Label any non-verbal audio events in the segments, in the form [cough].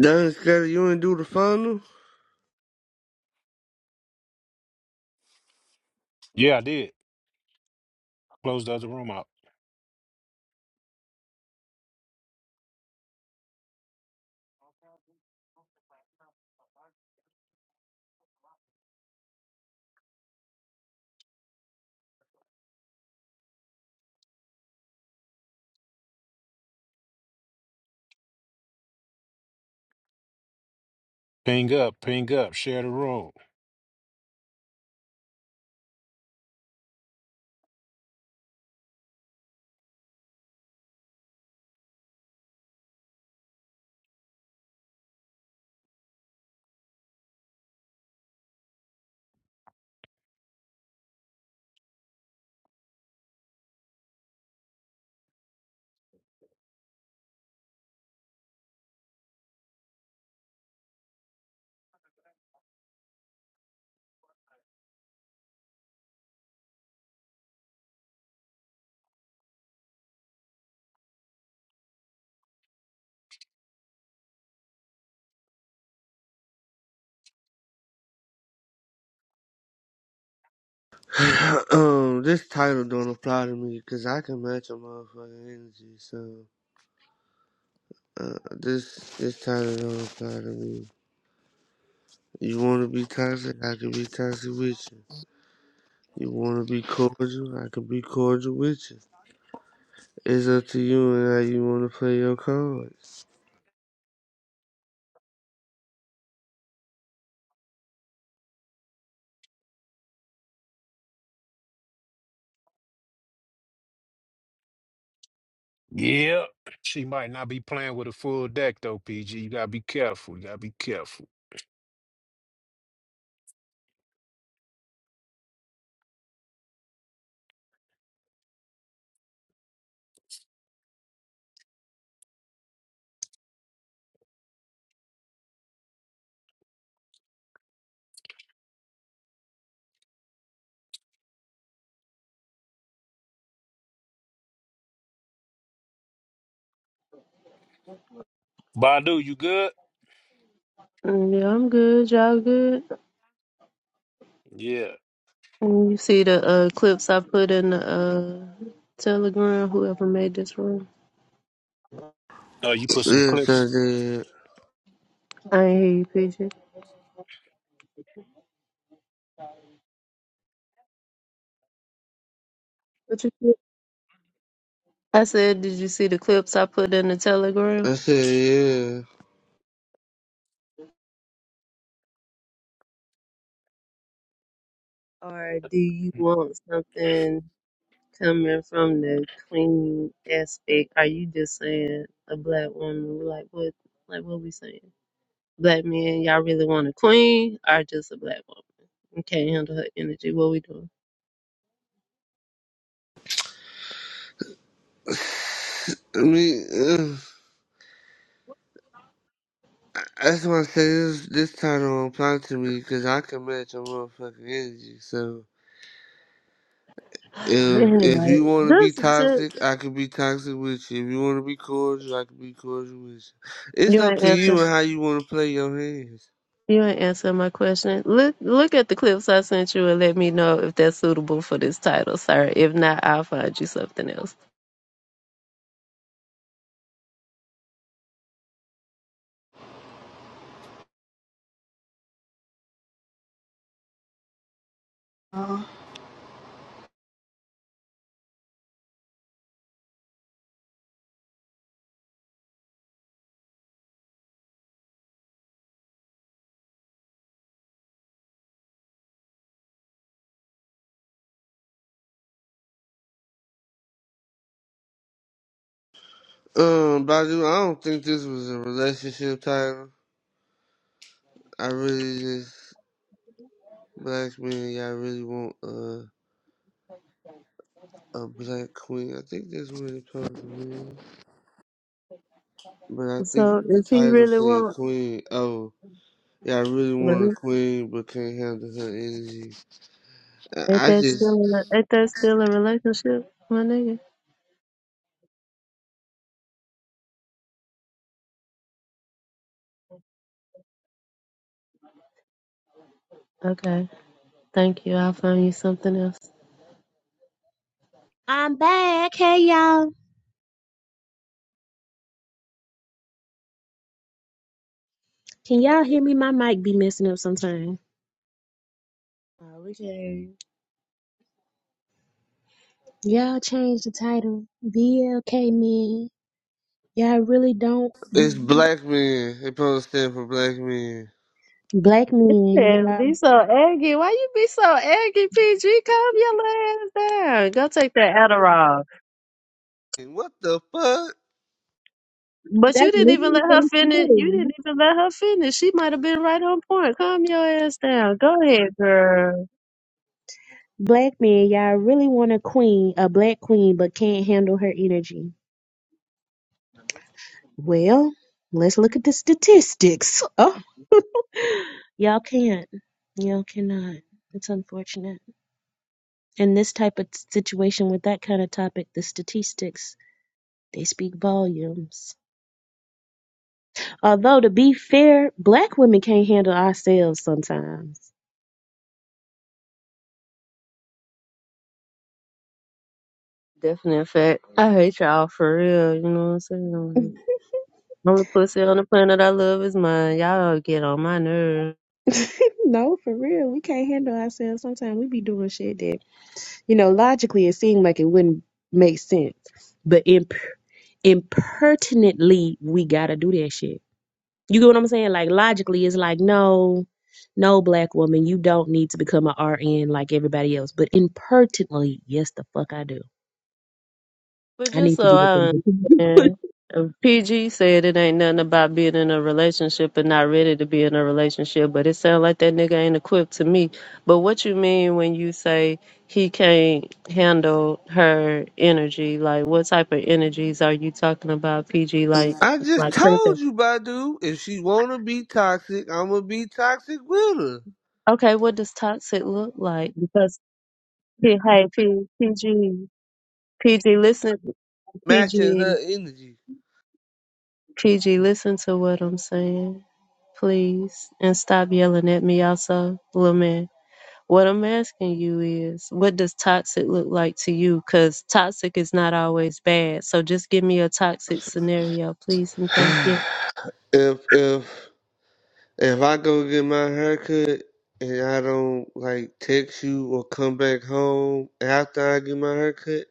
Done scared you ain't do the final. Yeah, I did. Close the other room out. Ping up, ping up, share the room. [sighs] um, this title don't apply to me because I can match a motherfucking energy. So uh, this this title don't apply to me. You want to be toxic, I can be toxic with you. You want to be cordial, I can be cordial with you. It's up to you and how you want to play your cards. Yep. She might not be playing with a full deck though, PG. You gotta be careful. You gotta be careful. Badu, you good? Mm, Yeah, I'm good. Y'all good? Yeah. Mm, You see the uh, clips I put in the uh, Telegram? Whoever made this room, Oh, you put some Yes, clips. I did. I ain't hear you, Pigeon. What you said? I said, did you see the clips I put in the Telegram? I said, yeah. Or do you want something coming from the clean aspect? Are you just saying a black woman? Like what? Like what we saying? Black men, y'all really want a queen or just a black woman? You can't handle her energy. What we doing? I mean, ugh. that's why I say this, this title don't apply to me because I can match your motherfucking energy. So [laughs] if if Anyway, you want to be this is toxic, I can be toxic with you. If you want to be cordial, I can be cordial with you. It's You up ain't to you answer. and how you want to play your hands. You ain't answer my question. Look, look at the clips I sent you and let me know if that's suitable for this title, sir. If not, I'll find you something else. I Um, Badu, I don't think this was a relationship title. I really just black men, y'all really want uh, a black queen. I think that's what it comes to. me. But I think So, the is he title really said want? queen. Oh, yeah, I really want a really? queen, but can't handle her energy. Ain't I I that still? just, A, ain't that still a relationship, my nigga? Okay, thank you. I'll find you something else. I'm back. Hey y'all. Can y'all hear me? My mic be messing up sometime. Oh, we can. hear you. Y'all change the title. BLK men. Y'all really don't it's black men. It supposed to stand for black men. black men, Yeah, y'all be so eggy. Why you be so eggy, PG? Calm your ass down. Go take that Adderall. And what the fuck? But you that's didn't even literally let her what finish. it You says. didn't even let her finish. She might have been right on point. Calm your ass down. Go ahead, girl. Black men, y'all really want a queen, a black queen, but can't handle her energy. Well, let's look at the statistics. Oh [laughs] y'all can't. Y'all cannot. It's unfortunate. In this type of situation with that kind of topic, the statistics They speak volumes. Although to be fair, black women can't handle ourselves sometimes. Definite fact. I hate y'all for real. You know what I'm [laughs] saying? Only pussy on the planet I love is mine. Y'all get on my nerves. no, for real. We can't handle ourselves sometimes. We be doing shit that, you know, logically it seemed like it wouldn't make sense. But imp- impertinently, we gotta do that shit. You get what I'm saying? Like logically, it's like, no, no, black woman, you don't need to become a RN like everybody else. But impertinently, yes, the fuck I do. But I just need to so be with them. I understand, uh, PG said it ain't nothing about being in a relationship and not ready to be in a relationship, but it sounds like that nigga ain't equipped to me. But what you mean when you say he can't handle her energy? Like, what type of energies are you talking about, PG? Like, I just like told person. you, Badu. If she wanna be toxic, I'ma be toxic with her, Okay, what does toxic look like? Because hey, hey, P, PG, PG, listen, matching her PG, energy. PG, listen to what I'm saying. please, and stop yelling at me also, little man. What I'm asking you is, what does toxic look like to you? Because toxic is not always bad. So just give me a toxic scenario, please, and [sighs] thank you. if if if I go get my haircut and I don't like text you or come back home after I get my haircut.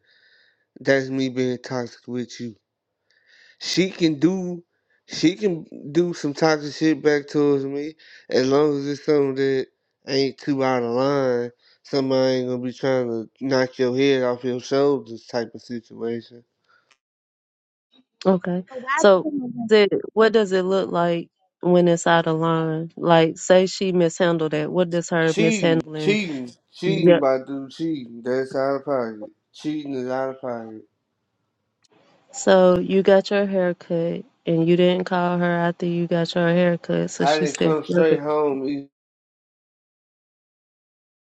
That's me being toxic with you. She can do she can do some toxic shit back towards me as long as it's something that ain't too out of line. Somebody ain't gonna be trying to knock your head off your shoulders type of situation. Okay. [laughs] So So why the, what does it look like when it's out of line? Like, say she mishandled it. What does her Cheating, mishandling? cheating, cheating Yep. by dude cheating. That's out of pocket. Cheating is out of pocket. So you got your haircut and you didn't call her after you got your haircut, so I she didn't still come straight home. e-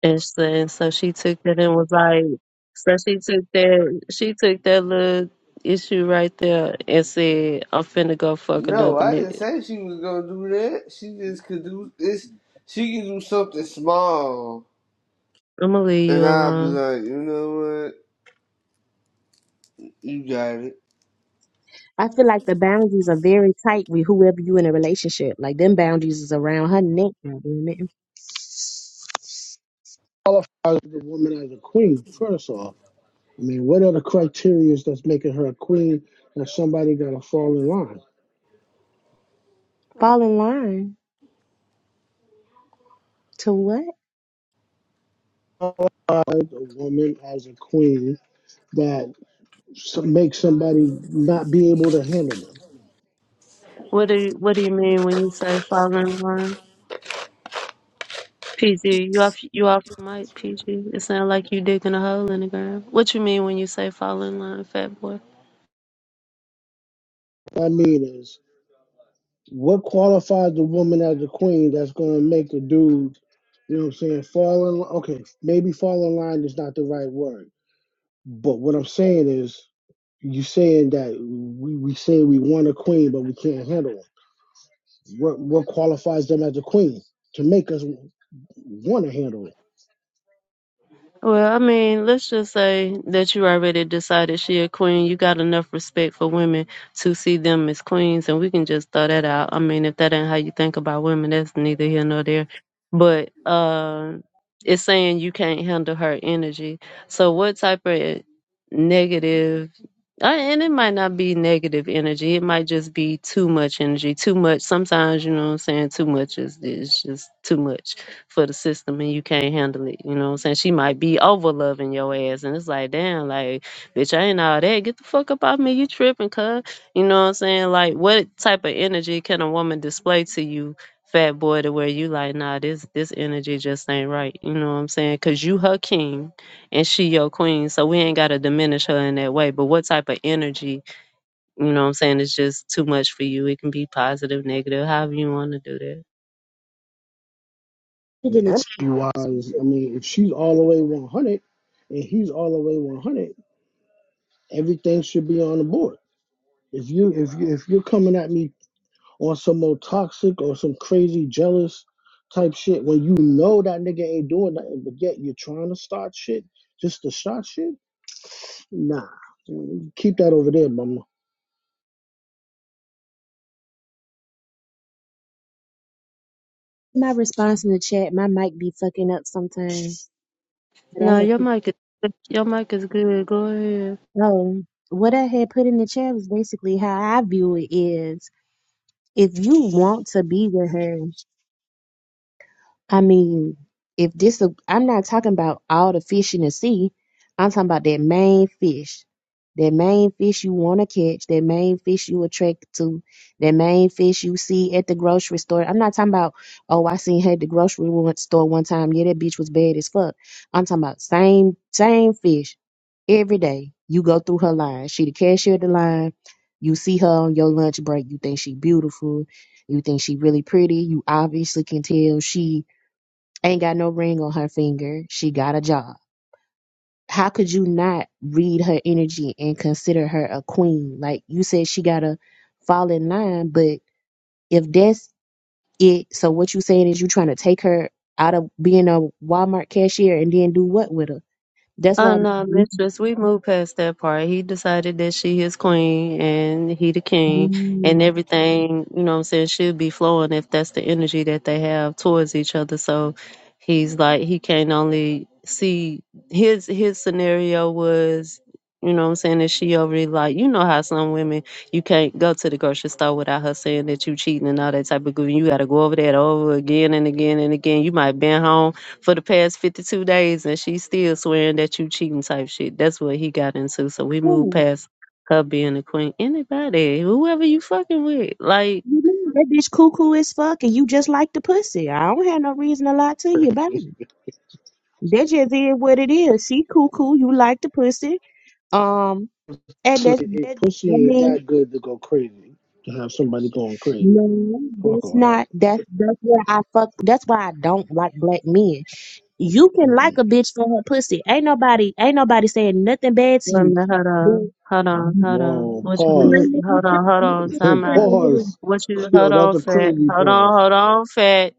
And so, so she took that and was like, so she took that, she took that little issue right there and said, I'm finna go fuck No, another I didn't nigga. say she was gonna do that. She just could do this. She can do something small I'm gonna leave you And I'll be alone. like, you know what? You got it. I feel like the boundaries are very tight with whoever you in a relationship. Like them boundaries is around her neck. God damn it. qualifies the woman as a queen first off? I mean, what are the criteria that's making her a queen that somebody got to fall in line? Fall in line to what? Qualifies a woman as a queen that s- makes somebody not be able to handle them. What do you, what do you mean when you say fall in line? PG, you off you off the mic, PG. It sounds like you digging a hole in the ground. What you mean when you say fall in line, fat boy? What I mean is, what qualifies the woman as a queen that's going to make the dude, you know what I'm saying, fall in line? Okay, maybe fall in line is not the right word. But what I'm saying is, you saying that we, we say we want a queen, but we can't handle handle 'em. What what qualifies them as a queen to make us want to handle it? Well, I mean, let's just say that you already decided she a queen. You got enough respect for women to see them as queens, and we can just throw that out. I mean, if that ain't how you think about women, that's neither here nor there. But uh, it's saying you can't handle her energy. So, what type of negative? uh, And it might not be negative energy. It might just be too much energy. Too much. Sometimes, you know what I'm saying? Too much is, is just too much for the system and you can't handle it. You know what I'm saying? She might be over loving your ass. And it's like, damn, like, bitch, I ain't all that. Get the fuck up off me. You tripping, cuz. You know what I'm saying? Like, what type of energy can a woman display to you, fat boy, to where you like, nah, this this energy just ain't right. You know what I'm saying? Cause you her king and she your queen. So we ain't gotta diminish her in that way. But what type of energy, you know what I'm saying, is just too much for you. It can be positive, negative, however you wanna do that. Put And in the chat. Energy wise, I mean, if she's all the way 100 and he's all the way 100, everything should be on the board. If you if you if you're coming at me on some more toxic or some crazy jealous type shit when you know that nigga ain't doing nothing, but yet you're trying to start shit just to start shit, nah, keep that over there, mama. My response in the chat, my mic be fucking up sometimes. But I No, had your put, mic is your mic is good. Go ahead. oh, what I had put in the chat was basically how I view it is if you want to be with her I mean, if this, a, I'm not talking about all the fish in the sea. I'm talking about that main fish, that main fish you want to catch, that main fish you attract to, that main fish you see at the grocery store. I'm not talking about, oh, I seen her at the grocery one- store one time. Yeah, that bitch was bad as fuck. I'm talking about same, same fish every day. You go through her line. She the cashier at the line. You see her on your lunch break. You think she beautiful. You think she really pretty. You obviously can tell she ain't got no ring on her finger. She got a job. How could you not read her energy and consider her a queen? Like you said, she gotta fall in line, but if that's it, so what you saying is you trying to take her out of being a Walmart cashier and then do what with her? That's Oh why. no, Mm. mistress, we moved past that part. He decided that she is queen and he the king and Mm. everything, you know what I'm saying, should be flowing if that's the energy that they have towards each other. So he's like he can only see his his scenario was you know what I'm saying, that she already like you know how some women you can't go to the grocery store without her saying that you cheating and all that type of good. You gotta go over that over again and again and again. You might been home for the past 52 days and she's still swearing that you cheating type shit. That's what he got into. So we moved Ooh, past her being a queen. Anybody, whoever you fucking with. Like, You know, That bitch cuckoo as fuck, and you just like the pussy. I don't have no reason to lie to you about it. That just is what it is. She cuckoo, you like the pussy. Um. And See, that's it, it that. I pussy ain't mean, that good to go crazy to have somebody going crazy. no, Fuck that's all that. not. That's that's where I fuck. That's why I don't like black men. You can Mm. like a bitch for her pussy. Ain't nobody, ain't nobody saying nothing bad to wait a you. minute, hold But on, hold on, hold on. Wow, What you pause. mean? Hold on, hold on, [laughs] time out. pause. What you, Yo, hold that's on, a fat. crazy Hold on, pause. hold on, fat.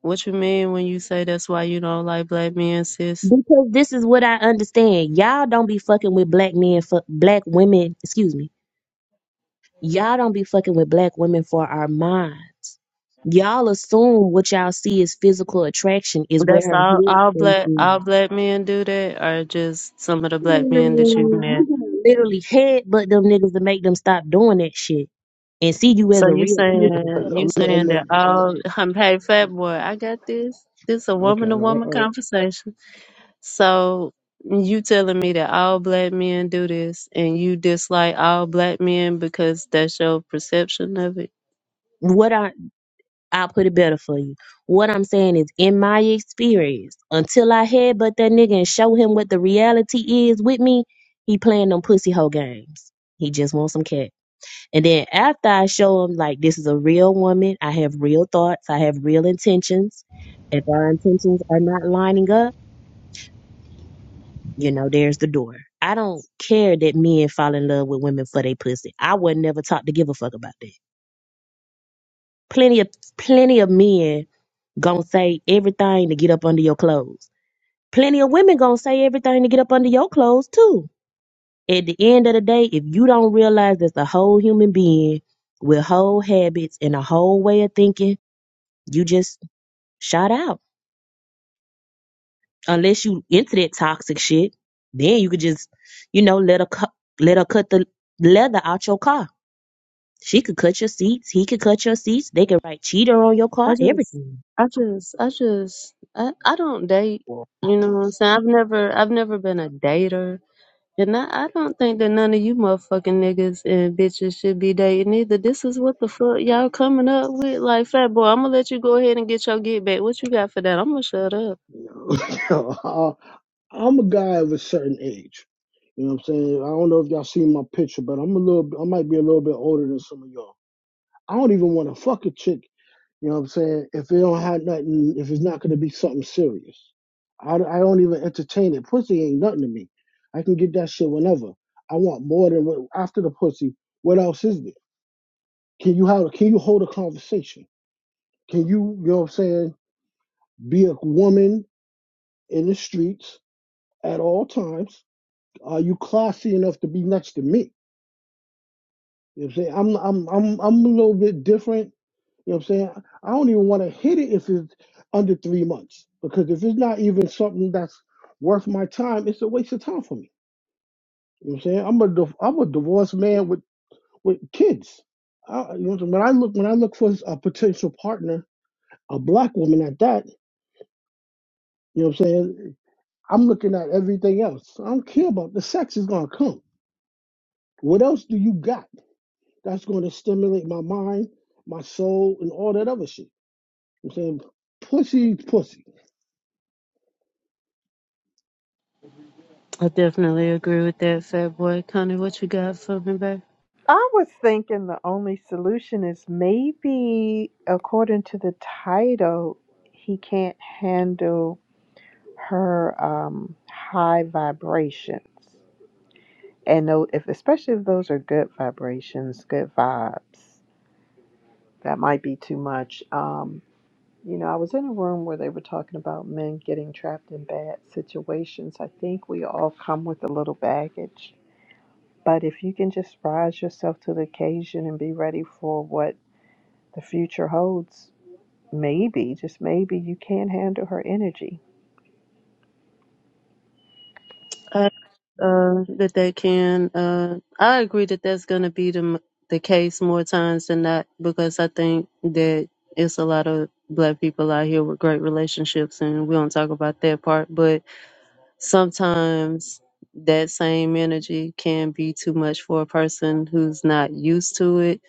What you mean when you say that's why you don't like black men, sis? because this is what I understand. Y'all don't be fucking with black men for black women. Excuse me. Y'all don't be fucking with black women for our minds. Y'all assume what y'all see is physical attraction is where That's her all, head all space black, is. all black men do that, or just some of the black Mm-hmm. men that you've met? You gotta literally headbutt them niggas to make them stop doing that shit and see you as So a you real person. saying you I'm, I'm, saying I'm, that I'm all [laughs] hey fat boy, I got this. This a okay. woman to woman Uh, uh, conversation. So you telling me that all black men do this and you dislike all black men because that's your perception of it? What I I'll put it better for you. What I'm saying is, in my experience, until I headbutt that nigga and show him what the reality is with me, he playing them pussy hoe games. He just wants some cat. And then after I show him like this is a real woman, I have real thoughts, I have real intentions. If our intentions are not lining up You know, there's the door. I don't care that men fall in love with women for they pussy. I was never taught to give a fuck about that. Plenty of plenty of men gonna say everything to get up under your clothes. Plenty of women gonna say everything to get up under your clothes too. At the end of the day, if you don't realize that's a whole human being with whole habits and a whole way of thinking, you just shot out. Unless you into that toxic shit, then you could just, you know, let her cut let her cut the leather out your car She could cut your seats, he could cut your seats, they could write cheater on your I car, just everything. I just I just I, I don't date, well, you know what I'm saying? I've never I've never been a dater. And I, I don't think that none of you motherfucking niggas and bitches should be dating either. This is what the fuck y'all coming up with. Like, fat boy, I'm gonna let you go ahead and get your get back. What you got for that? I'm gonna shut up. yo, [laughs] I'm a guy of a certain age. You know what I'm saying? I don't know if y'all seen my picture, but I'm a little. I might be a little bit older than some of y'all. I don't even want to fuck a chick You know what I'm saying? If it don't have nothing, if it's not going to be something serious, I, I don't even entertain it. Pussy ain't nothing to me. I can get that shit whenever. I want more than what, after the pussy. What else is there? Can you have? Can you hold a conversation? Can you, you know what I'm saying? Be a woman in the streets at all times. Are you classy enough to be next to me? You know what I'm saying? I'm I'm I'm I'm a little bit different You know what I'm saying? I don't even want to hit it if it's under three months because if it's not even something that's worth my time, it's a waste of time for me. You know what I'm saying? I'm a div- I'm a divorced man with with kids. I, you know what I'm saying? when I look when I look for a potential partner, a black woman at that. You know what I'm saying? I'm looking at everything else. I don't care about the sex is gonna come. What else do you got that's gonna stimulate my mind, my soul, and all that other shit? You know what I'm saying pussy, is pussy. I definitely agree with that, fat boy. Connie, what you got for me, babe? I was thinking the only solution is maybe, according to the title, he can't handle her um, high vibrations, and tho- if especially if those are good vibrations, good vibes, that might be too much. Um, you know, I was in a room where they were talking about men getting trapped in bad situations. I think we all come with a little baggage. But if you can just rise yourself to the occasion and be ready for what the future holds, maybe, just maybe, you can handle her energy. I, uh, that they can, uh, I agree that that's gonna be the, m- the case more times than not because I think that it's a lot of black people out here with great relationships and we don't talk about that part, but sometimes that same energy can be too much for a person who's not used to it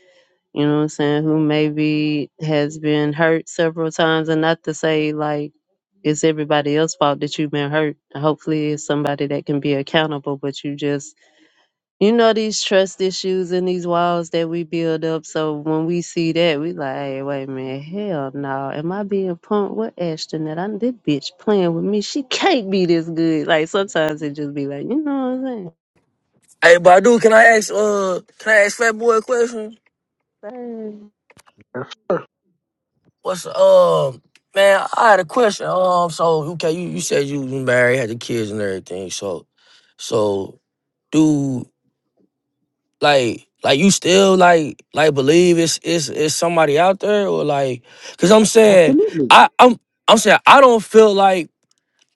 you know what i'm saying who maybe has been hurt several times and not to say like it's everybody else's fault that you've been hurt hopefully it's somebody that can be accountable but you just you know these trust issues and these walls that we build up. So when we see that, we like, hey, wait a minute, hell no. Am I being punked? What Ashton that I this bitch playing with me? She can't be this good. Like sometimes it just be like, you know Hey, Badu, can I ask uh can I ask Fat Boy a question? what I'm saying? What's um man, I had a question. Um, so okay, you, you said you was married, had the kids and everything. So, so do like like you still like like believe it's it's it's somebody out there or like? Cause I'm saying Absolutely. I I'm I'm saying I don't feel like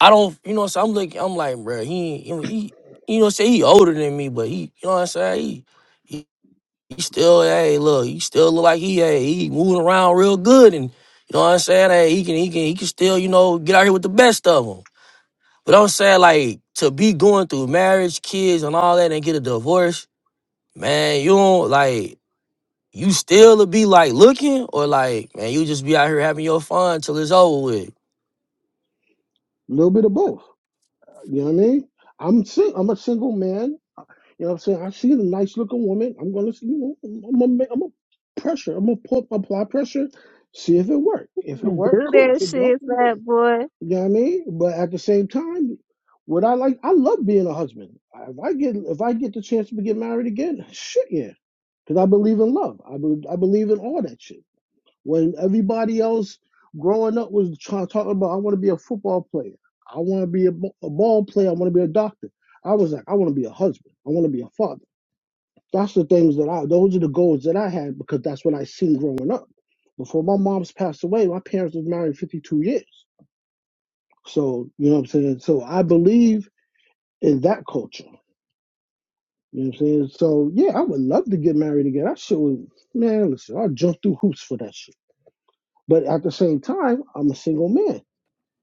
I don't you know. So I'm saying. I'm looking I'm like bro, he ain't- you know he you know what I'm saying he older than me, but he you know what I'm saying he. He still, hey, look, he still look like he, hey, he moving around real good, and you know what I'm saying. Hey, he can, he can, he can still, you know, get out here with the best of them. But I'm saying, like, to be going through marriage, kids, and all that, and get a divorce, man, you don't like, you still to be like looking, or like, man, you just be out here having your fun till it's over with. A little bit of both. You know what I mean? I'm sing- I'm a single man. You know what I'm saying? I see a nice looking woman. I'm gonna see. You know, I'm I'm gonna make, I'm gonna pressure. I'm gonna put, apply pressure. See if it work. If it Man, work, Do cool. If that it don't, shit, it don't. fat boy. You know what I mean? But at the same time, would I like? I love being a husband. If I get if I get the chance to get married again, shit yeah. Because I believe in love. I be- I believe in all that shit. When everybody else growing up was try talking about, I want to be a football player. I want to be a a ball player. I want to be a doctor. I was like, I want to be a husband. I want to be a father. That's the things that I, those are the goals that I had because that's what I seen growing up. Before my mom's passed away, my parents was married 52 years. So, you know what I'm saying? So I believe in that culture. You know what I'm saying? So yeah, I would love to get married again. I sure would man, listen, I jump through hoops for that shit. But at the same time, I'm a single man.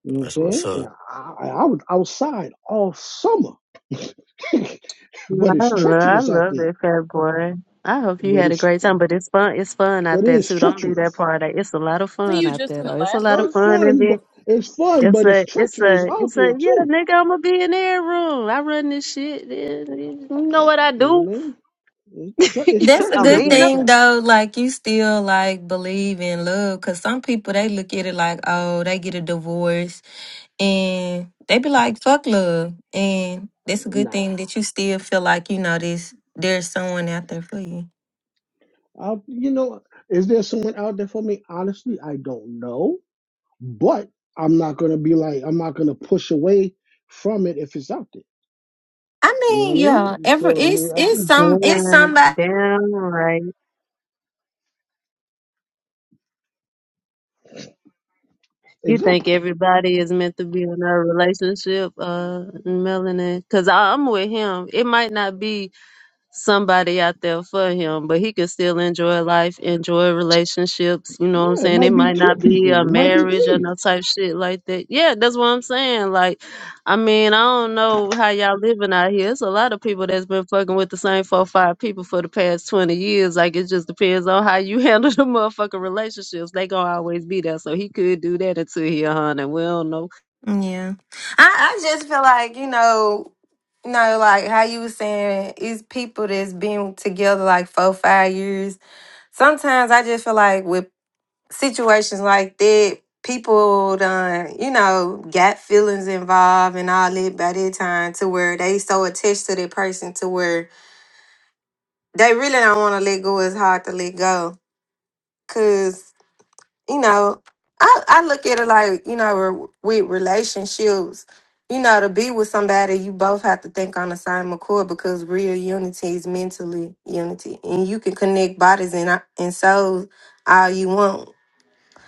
You know what I'm That's what's saying? And up. I, I, I was outside all summer, [laughs] but I it's love, I treacherous out love there. that fat boy. I hope you But had a it's great time, but it's fun. It's fun but out it there is too. Don't leave that treacherous. part out. It's a lot of Wasn't fun you out just there in the though. It's a last lot Oh, room? of It's fun and fun, then but it's fun, It's but it's a, it's treacherous a, out it's a, there yeah, too. nigga, I'm going to be in their room. I run this shit. eh, You know what I You know do? what I mean? It's, tre- [laughs] it's That's a treacherous good Amina. thing outside. though. Like you still like believe in love, cause some people they look at it like, oh, they get a divorce and they be like, fuck love. And that's a good Nah, thing that you still feel like you know this. There's someone out there for you. I, you know, is there someone out there for me? Honestly, I don't know, but I'm not gonna be like I'm not gonna push away from it if it's out there. I You know what I mean, yeah, mean? every So I mean, it's it's I, some it's Damn, somebody. damn right. You exactly. think everybody is meant to be in a relationship, uh, Melanie? Cause I'm with him. It might not be somebody out there for him, but he could still enjoy life, enjoy relationships. You know what I'm Yeah, it saying? It might be might two not be people. a It might be marriage or three. no type shit like that. Yeah, that's what I'm saying. Like, I mean, I don't know how y'all living out here. It's a lot of people that's been fucking with the same four, five people for the past 20 years. Like, it just depends on how you [laughs] handle the motherfucking relationships. They gonna always be there. So he could do that until he a hundred. We don't know Yeah, I I just feel like you know, you know, like how you was saying, it's people that's been together like four five years sometimes I just feel like with situations like that, people done, you know, got feelings involved and all that by that time to where they so attached to that person to where they really don't want to let go. It's hard to let go. Cause, you know, I, I look at it like, you know, re- with relationships, you know, to be with somebody, you both have to think on the same accord because real unity is mentally unity. And you can connect bodies and, uh, and souls all you want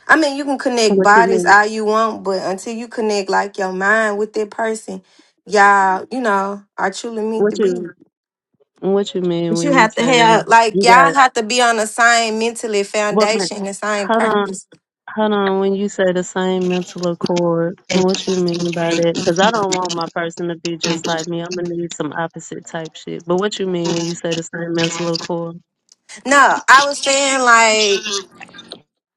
I mean, you can connect what you bodies mean. all you want, but until you connect like your mind with that person, y'all, you know, are truly meant to What be. you what you mean But you when you have to say have like you y'all got have to be on the same mentally what man? foundation, the same Hold on. purpose. Hold on, when you say the same mental accord, what you mean by that? Because I don't want my person to be just like me. I'm gonna need some opposite type shit. But what you mean when you say the same mental accord? No, I was saying like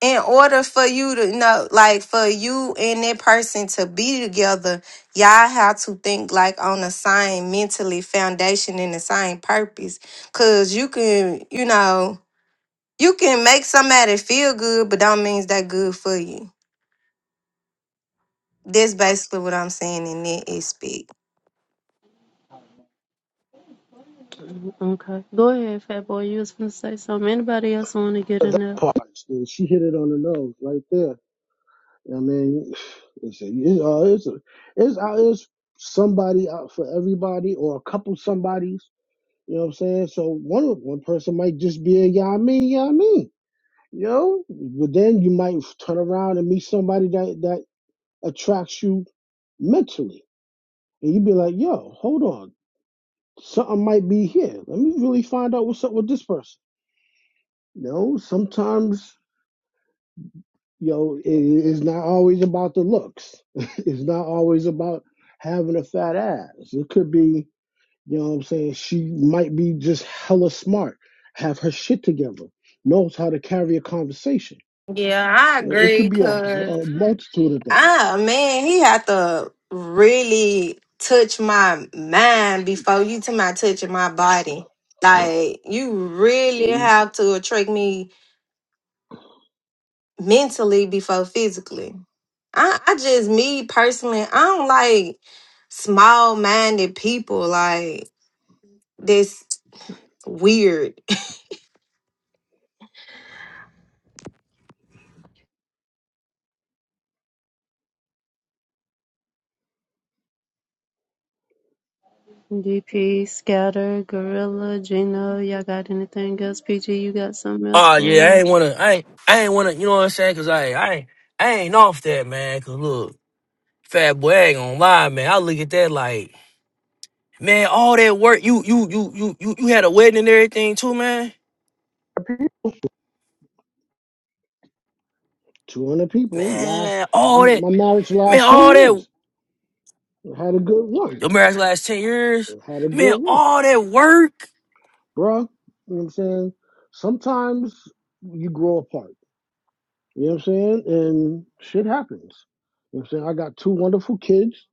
in order for you to know, like for you and that person to be together, y'all have to think like on the same mentally foundation and the same purpose. Cause you can, you know You can make somebody feel good, but don't means that good for you. That's basically what I'm saying in that aspect. Okay, go ahead, fat boy. You was gonna say something. Anybody else want to get But in That there? part, and she hit it on the nose right there. I mean, [sighs] it's a, it's, uh, it's, a, it's, uh, it's somebody out for everybody or a couple somebodies. You know what I'm saying? So one one person might just be a yeah, I mean, yeah, I mean, you know. But then you might turn around and meet somebody that that attracts you mentally. And you'd be like, yo, hold on. Something might be here. Let me really find out what's up with this person. You know, sometimes you know, it, it's not always about the looks. [laughs] it's not always about having a fat ass. It could be, you know what I'm saying, she might be just hella smart, have her shit together, knows how to carry a conversation. Yeah, I You know, it could agree. be a, Cause a multitude of things. Ah man, he had to really touch my mind before you to my touching my body. Like you really have to attract me mentally before physically. I, I just me personally, I don't like small minded people like this weird. DP, Scatter, Gorilla, Gino, y'all got anything else? PG, you got something else Oh for yeah, I it? ain't wanna, I ain't, I ain't wanna, you know what I'm saying? Cause I, I ain't, I ain't off that, man. Cause look, Fat boy, I ain't gonna lie, man. I look at that like. Man, all that work, you you you you you you had a wedding and everything too, man. 200 people last, Man, all I'm, that, my marriage man, last 10 all that. years. I Had a good run. Your marriage last ten years, I Had a man. good run. All that work, bro. you know what I'm saying? Sometimes you grow apart You know what I'm saying? And shit happens. You know what I'm saying? I got two wonderful kids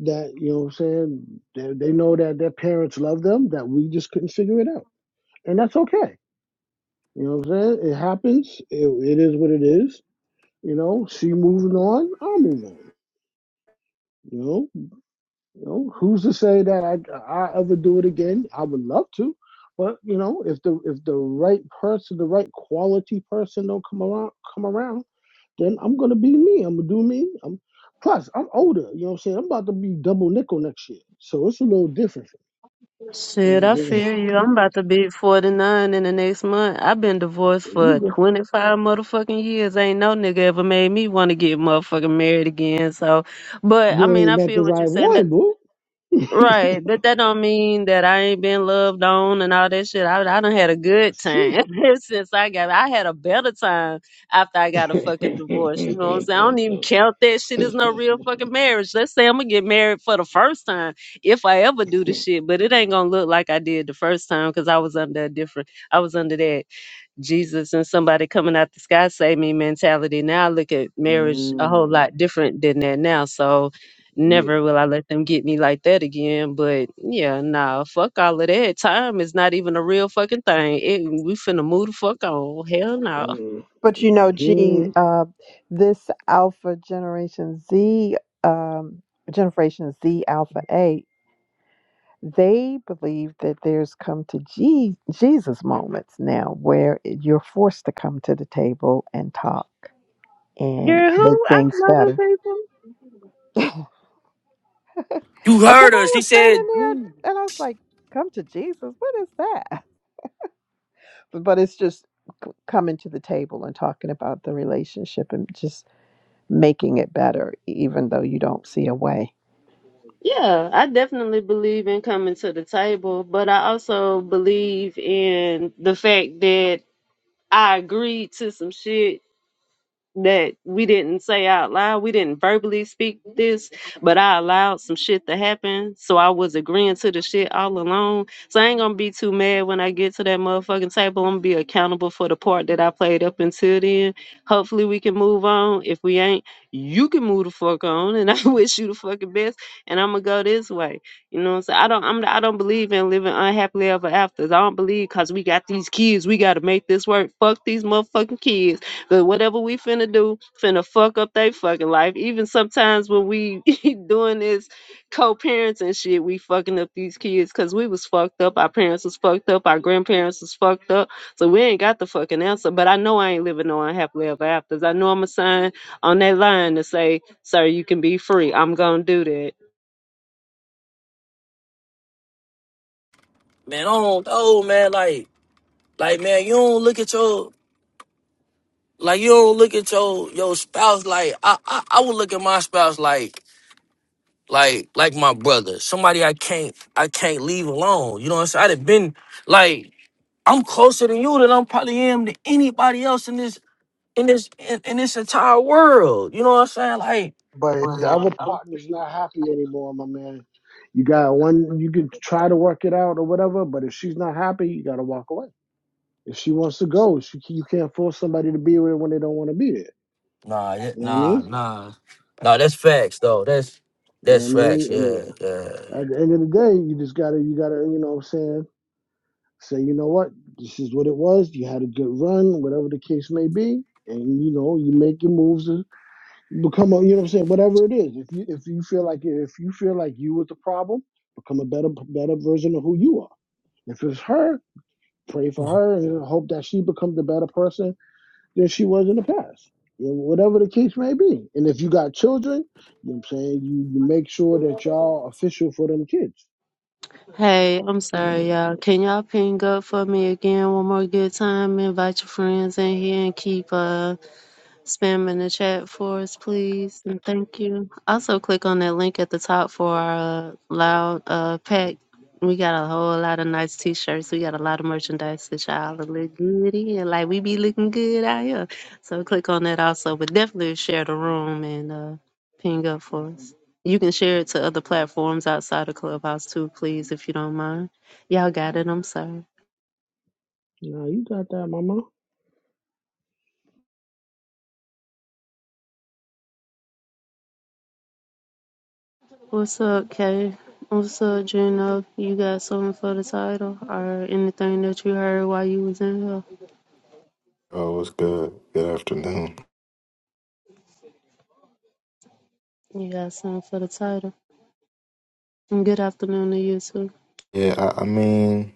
that, you know what I'm saying, they, they know that their parents love them, that we just couldn't figure it out. And that's okay. You know what I'm saying? It happens. It, it is what it is. You know, she moving on, I move on. You know, you know, who's to say that I I ever do it again? I would love to, but you know, if the if the right person, the right quality person don't come around come around, then I'm gonna be me. I'm gonna do me. I'm plus I'm older. You know what I'm saying? I'm about to be double nickel next year, so it's a little different. You know Shit, what I'm I saying? [laughs] feel you. I'm about to be 49 in the next month. I've been divorced There you for go. 25 motherfucking years. Ain't no nigga ever made me want to get motherfucking married again. So, but I You mean, ain't I met the feel what you're right saying. one, boo. [laughs] Right, but that don't mean that I ain't been loved on and all that shit. I I done had a good That's time true. [laughs] ever since I got. I had a better time after I got [laughs] a mm, fucking divorce. You know what I'm saying? I don't even count that shit as no real fucking marriage. Let's say I'm gonna get married for the first time if I ever do the shit, but it ain't gonna look like I did the first time because I was under a different. I was under that. Jesus and somebody coming out the sky save me mentality. Now I look at marriage a whole lot different than that now. So yeah. never will I let them get me like that again. But yeah, nah, fuck all of that. Time is not even a real fucking thing. It, we finna move the fuck on. Hell no. But you know, gee, Mm-hmm. uh, this Alpha Generation Z, um, Generation Z Alpha A, they believe that there's come to Je- Jesus moments now where you're forced to come to the table and talk and Girl, who? make I things love them better. people. you Because heard her. I She was said, standing there and I was like, come to Jesus? What is that? but it's just c- coming to the table and talking about the relationship and just making it better even though you don't see a way Yeah, I definitely believe in coming to the table, but I also believe in the fact that I agreed to some shit that we didn't say out loud. We didn't verbally speak this, but I allowed some shit to happen. So I was agreeing to the shit all along. So I ain't gonna be too mad when I get to that motherfucking table. I'm gonna be accountable for the part that I played up until then. Hopefully we can move on. If we ain't, you can move the fuck on and [laughs] I wish you the fucking best. And I'm gonna go this way. You know what I'm saying? I don't I'm I don't believe in living unhappily ever after. I don't believe cause we got these kids, we gotta make this work. Fuck these motherfucking kids. Cause whatever we finna do, finna fuck up they fucking life. Even sometimes when we [laughs] doing this co-parenting shit, we fucking up these kids because we was fucked up. Our parents was fucked up. Our grandparents was fucked up. So we ain't got the fucking answer. But I know I ain't living no unhappily ever afters. I know I'm a sign on that line to say, "Sir, you can be free." I'm gonna do that. man, I don't know, man. Like, like, man, you don't look at your, like, you don't look at your your spouse. Like, I I, I would look at my spouse like, like, like my brother, somebody I can't I can't leave alone. You know what I'm saying? I'd have been like, I'm closer to you than I'm probably am to anybody else in this in this in, in this entire world. You know what I'm saying? Like, But if the Right. other I'm- partner's not happy anymore, my man, you got one. You can try to work it out or whatever. But if she's not happy, you gotta walk away. If she wants to go, she you can't force somebody to be with her when they don't want to be there. nah, yeah, You know what I nah, mean? nah, nah. That's facts though. That's You know what that's I facts. mean? I Yeah, mean, yeah. at the end of the day, you just gotta you gotta you know what I'm saying say you know what this is what it was. You had a good run, whatever the case may be, and you know you make your moves. and become a you know what I'm saying whatever it is. If you if you feel like if you feel like you was the problem, become a better better version of who you are. If it's her, pray for Come on. her and hope that she becomes the better person than she was in the past. You know, whatever the case may be. And if you got children, you know what I'm saying, you, you make sure that y'all official for them kids. Hey, I'm sorry, Now y'all. Can y'all ping up for me again one more good time? Invite your friends in here and keep uh spam in the chat for us, please, and thank you. Also, click on that link at the top for our uh, loud uh, pack. We got a whole lot of nice T-shirts. We got a lot of merchandise that y'all will look good in. Like we be looking good out here. So click on that also, but definitely share the room and uh, ping up for us. You can share it to other platforms outside of Clubhouse too, please, if you don't mind. Y'all got it. I'm sorry. you got that, mama. What's up, Kay? What's up, Juno? You got something for the title or anything that you heard while you was in here? Oh, it's good. Good afternoon. You got something for the title. And good afternoon to you too. Yeah, I, I mean,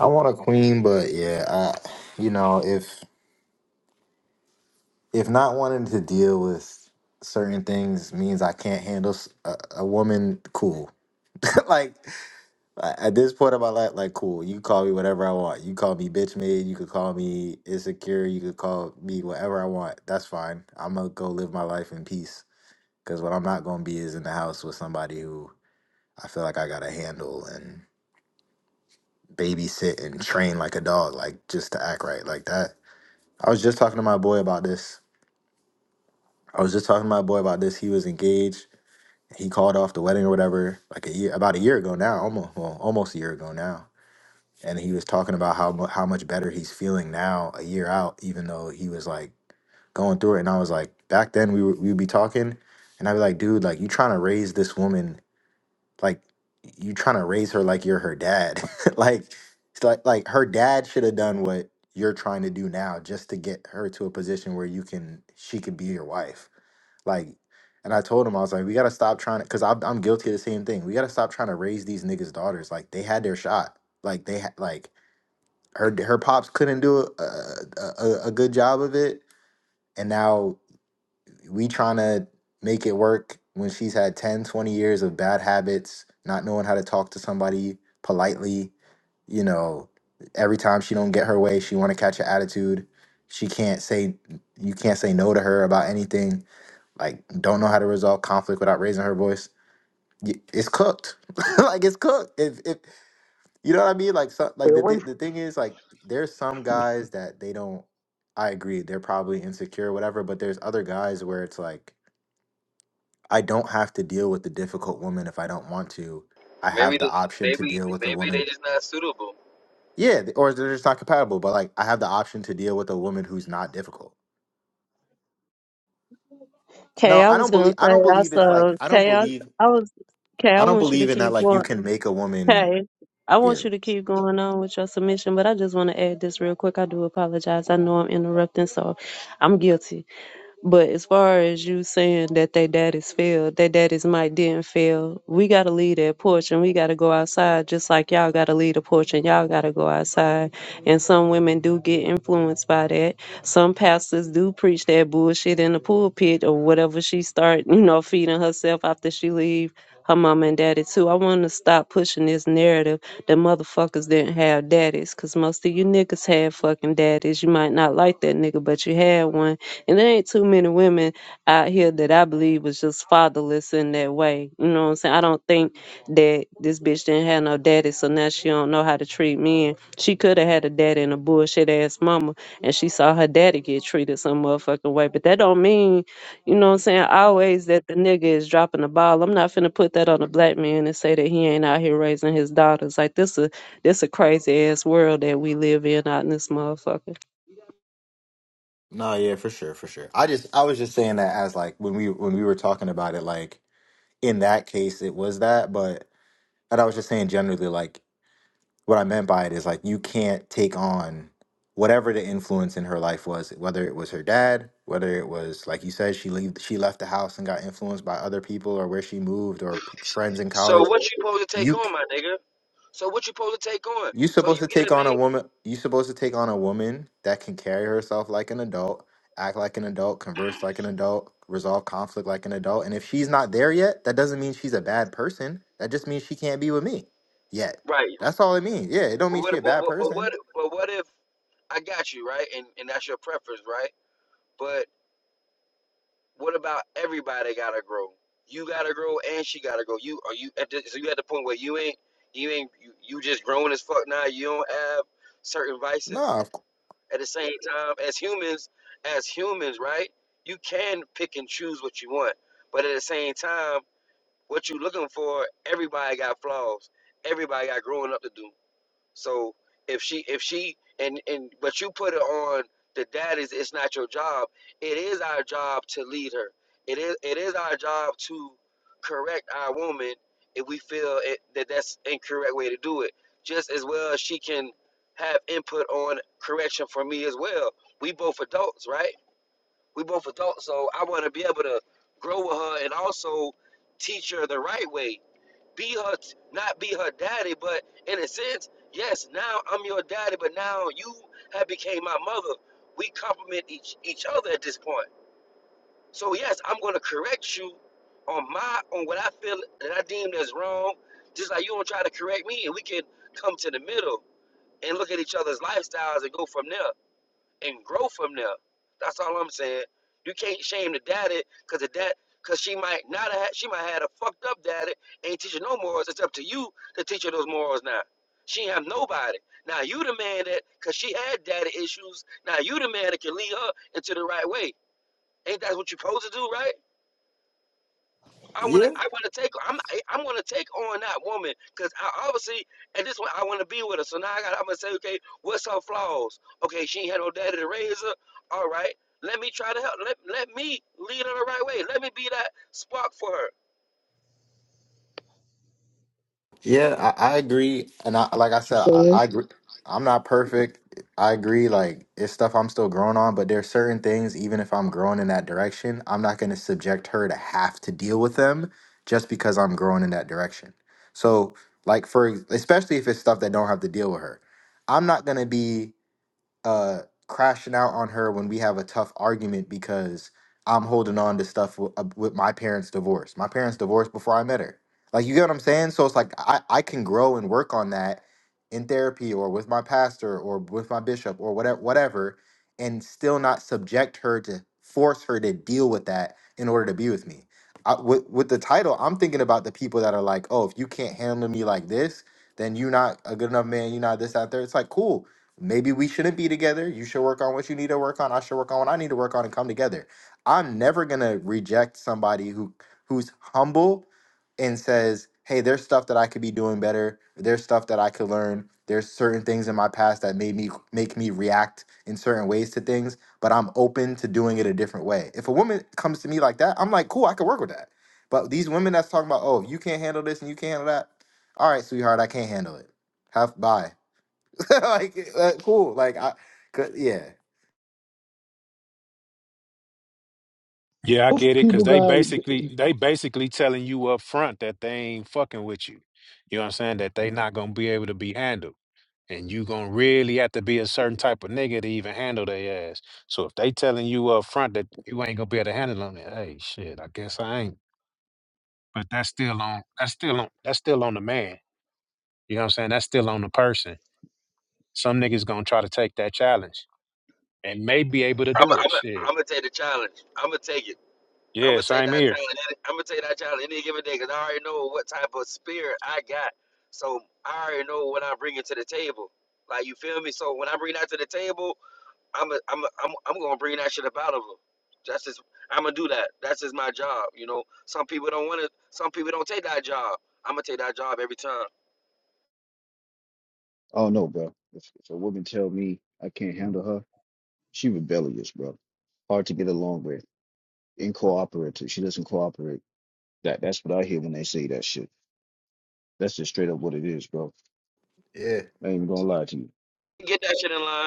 I want a queen, but yeah, I, you know, if if not wanting to deal with certain things means I can't handle s- a, a woman, cool. [laughs] like a- at this point of my life, like cool. You call me whatever I want. You call me bitch made. You could call me insecure. You could call me whatever I want. That's fine. I'm gonna go live my life in peace. Because what I'm not gonna be is in the house with somebody who I feel like I gotta handle and babysit and train like a dog, like just to act right like that. I was just talking to my boy about this. I was just talking to my boy about this. He was engaged. He called off the wedding or whatever, like a year, about a year ago now, almost, well, almost a year ago now. And he was talking about how mu- how much better he's feeling now, a year out, even though he was like going through it. And I was like, back then we would we'd be talking, and I'd be like, dude, like you trying to raise this woman like you trying to raise her like you're her dad [laughs] like it's like like her dad should have done what you're trying to do now just to get her to a position where you can she could be your wife like and i told him i was like we gotta stop trying to because I'm, I'm guilty of the same thing we gotta stop trying to raise these niggas daughters like they had their shot like they had like her her pops couldn't do a, a, a, a good job of it and now we trying to make it work when she's had 10, 20 years of bad habits not knowing how to talk to somebody politely you know every time she don't get her way she want to catch an attitude she can't say you can't say no to her about anything like don't know how to resolve conflict without raising her voice Y- it's cooked [laughs] like it's cooked if, if you know what i mean like so, Stay like the, away thi- from the thing is like there's some guys that they don't i agree they're probably insecure whatever but there's other guys where it's like I don't have to deal with the difficult woman if I don't want to. I have Maybe, the they- option to maybe, deal with a maybe they woman. just not suitable. Yeah, th- or they're just not compatible, but like I have the option to deal with a woman who's not difficult. Kay, No, I I was don't believe gonna I say don't believe it's like also, I don't Kay, I, believe I was Kay, I I don't want you to believe in that keep like you going. can make a woman Kay, I yeah. want you to keep going on with your submission, but I just want to add this real quick. I do apologize. I know I'm interrupting, so I'm guilty. But as far as you saying that they daddies failed, their daddies might didn't fail. We gotta leave that porch and we gotta go outside, just like y'all gotta leave the porch and y'all gotta go outside. And some women do get influenced by that. Some pastors do preach that bullshit in the pulpit or whatever she start, you know, feeding herself after she leave her mom and daddy too. I want to stop pushing this narrative that motherfuckers didn't have daddies, cause most of you niggas had fucking daddies. You might not like that nigga, but you had one and there ain't too many women out here that I believe was just fatherless in that way. You know what I'm saying? I don't think that this bitch didn't have no daddy, so now she don't know how to treat men. She could have had a daddy and a bullshit ass mama, and she saw her daddy get treated some motherfucking way. But that don't mean, you know what I'm saying, always that the nigga is dropping the ball. I'm not finna put that on a black man and say that he ain't out here raising his daughters. Like this a this a crazy ass world that we live in out in this motherfucker. No, yeah, for sure, for sure. I just I was just saying that as like when we when we were talking about it like in that case it was that, but and I was just saying generally like what I meant by it is like you can't take on whatever the influence in her life was, whether it was her dad, whether it was like you said, she leave she left the house and got influenced by other people or where she moved or p- friends in So college. what you supposed to take You on, c- my nigga? So what you supposed to take on? you So supposed you to get a take on a mate, woman. You supposed to take on a woman that can carry herself like an adult, act like an adult, converse like an adult, resolve conflict like an adult. And if she's not there yet, that doesn't mean she's a bad person. That just means she can't be with me yet. right? That's all it means. Yeah, it don't But mean she what, a but, bad what- but what, person. but what if I got you right, and and that's your preference, right? But what about everybody gotta grow? You gotta grow, and she gotta grow. You are you at the, so you at the point where you ain't, you ain't, you, you just grown as fuck now. You don't have certain vices. No. At the same time, as humans, as humans, right? You can pick and choose what you want, but at the same time, what you looking for, everybody got flaws. Everybody got growing up to do. So if she if she and and but you put it on the dad is it's not your job. It is our job to lead her. It is it is our job to correct our woman if we feel it, that that's incorrect way to do it. Just as well as she can have input on correction for me as well. We both adults, right? We both adults, so I want to be able to grow with her and also teach her the right way be her, not be her daddy, but in a sense, yes, now I'm your daddy, but now you have became my mother. We compliment each each other at this point. So yes, I'm gonna correct you on my on what I feel that I deem as wrong, just like you don't try to correct me, and we can come to the middle and look at each other's lifestyles and go from there and grow from there. That's all I'm saying. You can't shame the daddy because the dad because she might not have she might have had a fucked up daddy ain't teaching no morals. It's up to you to teach her those morals now. She ain't have nobody. Now you the man that cause she had daddy issues. Now you the man that can lead her into the right way. Ain't that what you are supposed to do, right? I want to. Yeah, I want to take. I'm. I- I'm going to take on that woman because I obviously at this point I want to be with her. So now I got. I'm going to say, okay, what's her flaws? Okay, she ain't had no daddy to raise her. All right, let me try to help. Let Let me lead her the right way. Let me be that spark for her. yeah, I, I agree, and I like I what you said, I, saying. I agree. I'm not perfect. I agree. Like it's stuff I'm still growing on, but there's certain things. Even if I'm growing in that direction, I'm not going to subject her to have to deal with them just because I'm growing in that direction. So, like for especially if it's stuff that don't have to deal with her, I'm not going to be. uh crashing out on her when we have a tough argument because I'm holding on to stuff w- uh, with my parents' divorce. My parents divorced before I met her. Like you get what I'm saying? So it's like I I can grow and work on that in therapy or with my pastor or with my bishop or whatever whatever and still not subject her to force her to deal with that in order to be with me. I, with, with the title, I'm thinking about the people that are like, "Oh, if you can't handle me like this, then you're not a good enough man. You're not this out there." It's like, "Cool Maybe we shouldn't be together. You should work on what you need to work on. I should work on what I need to work on and come together. I'm never gonna reject somebody who who's humble and says, "Hey, there's stuff that I could be doing better. There's stuff that I could learn. There's certain things in my past that made me make me react in certain ways to things, but I'm open to doing it a different way." If a woman comes to me like that, I'm like, "Cool, I could work with that." But these women that's talking about, "Oh, you can't handle this and you can't handle that." All right, sweetheart, I can't handle it. Have bye. [laughs] like uh, cool. Like I, cause, yeah, Yeah, I Both get it, cause people they got basically they basically telling you up front that they ain't fucking with you. You know what I'm saying? That they not gonna be able to be handled. And you gonna really have to be a certain type of nigga to even handle their ass. So if they telling you up front that you ain't gonna be able to handle them, then, hey shit, I guess I ain't. but that's still on that's still on that's still on the man. You know what I'm saying? That's still on the person. Some niggas gonna try to take that challenge and may be able to I'm. i do it. I'm. i am i i Shit. gonna take the challenge. I'm gonna take it. I'm Yeah, gonna take same that here. challenge. I'm gonna take that challenge any given day because I already know what type of spirit I got. So I already know what I'm bringing to the table. Like you feel me? So when I bring that to the table. I'm a, I'm a, I'm I'm gonna bring that shit up out of them. That's just I'm gonna do that. That's just my job. You know, some people don't want to. Some people don't take that job. I'm gonna take that job every time. Oh no, bro. If, if a woman tell me I can't handle her, she rebellious, bro. Hard to get along with, incooperative. She doesn't cooperate. That that's what I hear when they say that shit. That's just straight up what it is, bro. yeah. I ain't even gonna lie to you. Get that shit in line.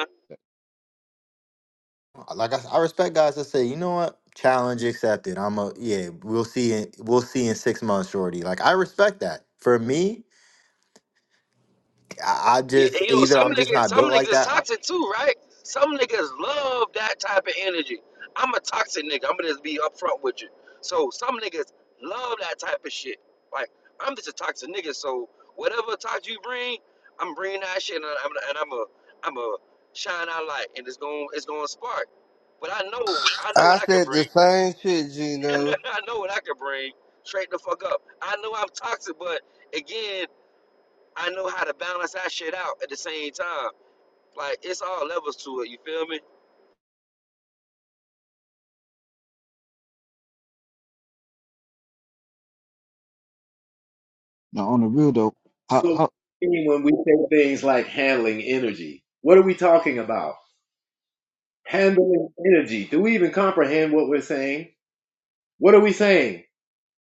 Like I, s- I respect guys that say, you know what, challenge accepted. I'm a yeah. We'll see. In, we'll see in six months, shorty. Like I respect that. For me, I, I You, you just know, either some I'm just niggas, not some built niggas like is that. or- toxic too, right? Some niggas love that type of energy. I'm a toxic nigga. I'm gonna just be upfront with you. So some niggas love that type of shit. Like I'm just a toxic nigga. So whatever toxic you bring, I'm bringing that shit, and I'm and I'm a I'm a shine out light, and it's going it's going to spark. But I know I know what I I can said the bring. same shit, [laughs] Gino. I know what I can bring. Straight the fuck up. I know I'm toxic, but again, I know how to balance that shit out at the same time. Like it's all levels to it. You feel me? Now on the real though, how So how when we say things like handling energy, what are we talking about? Handling energy. Do we even comprehend what we're saying? What are we saying?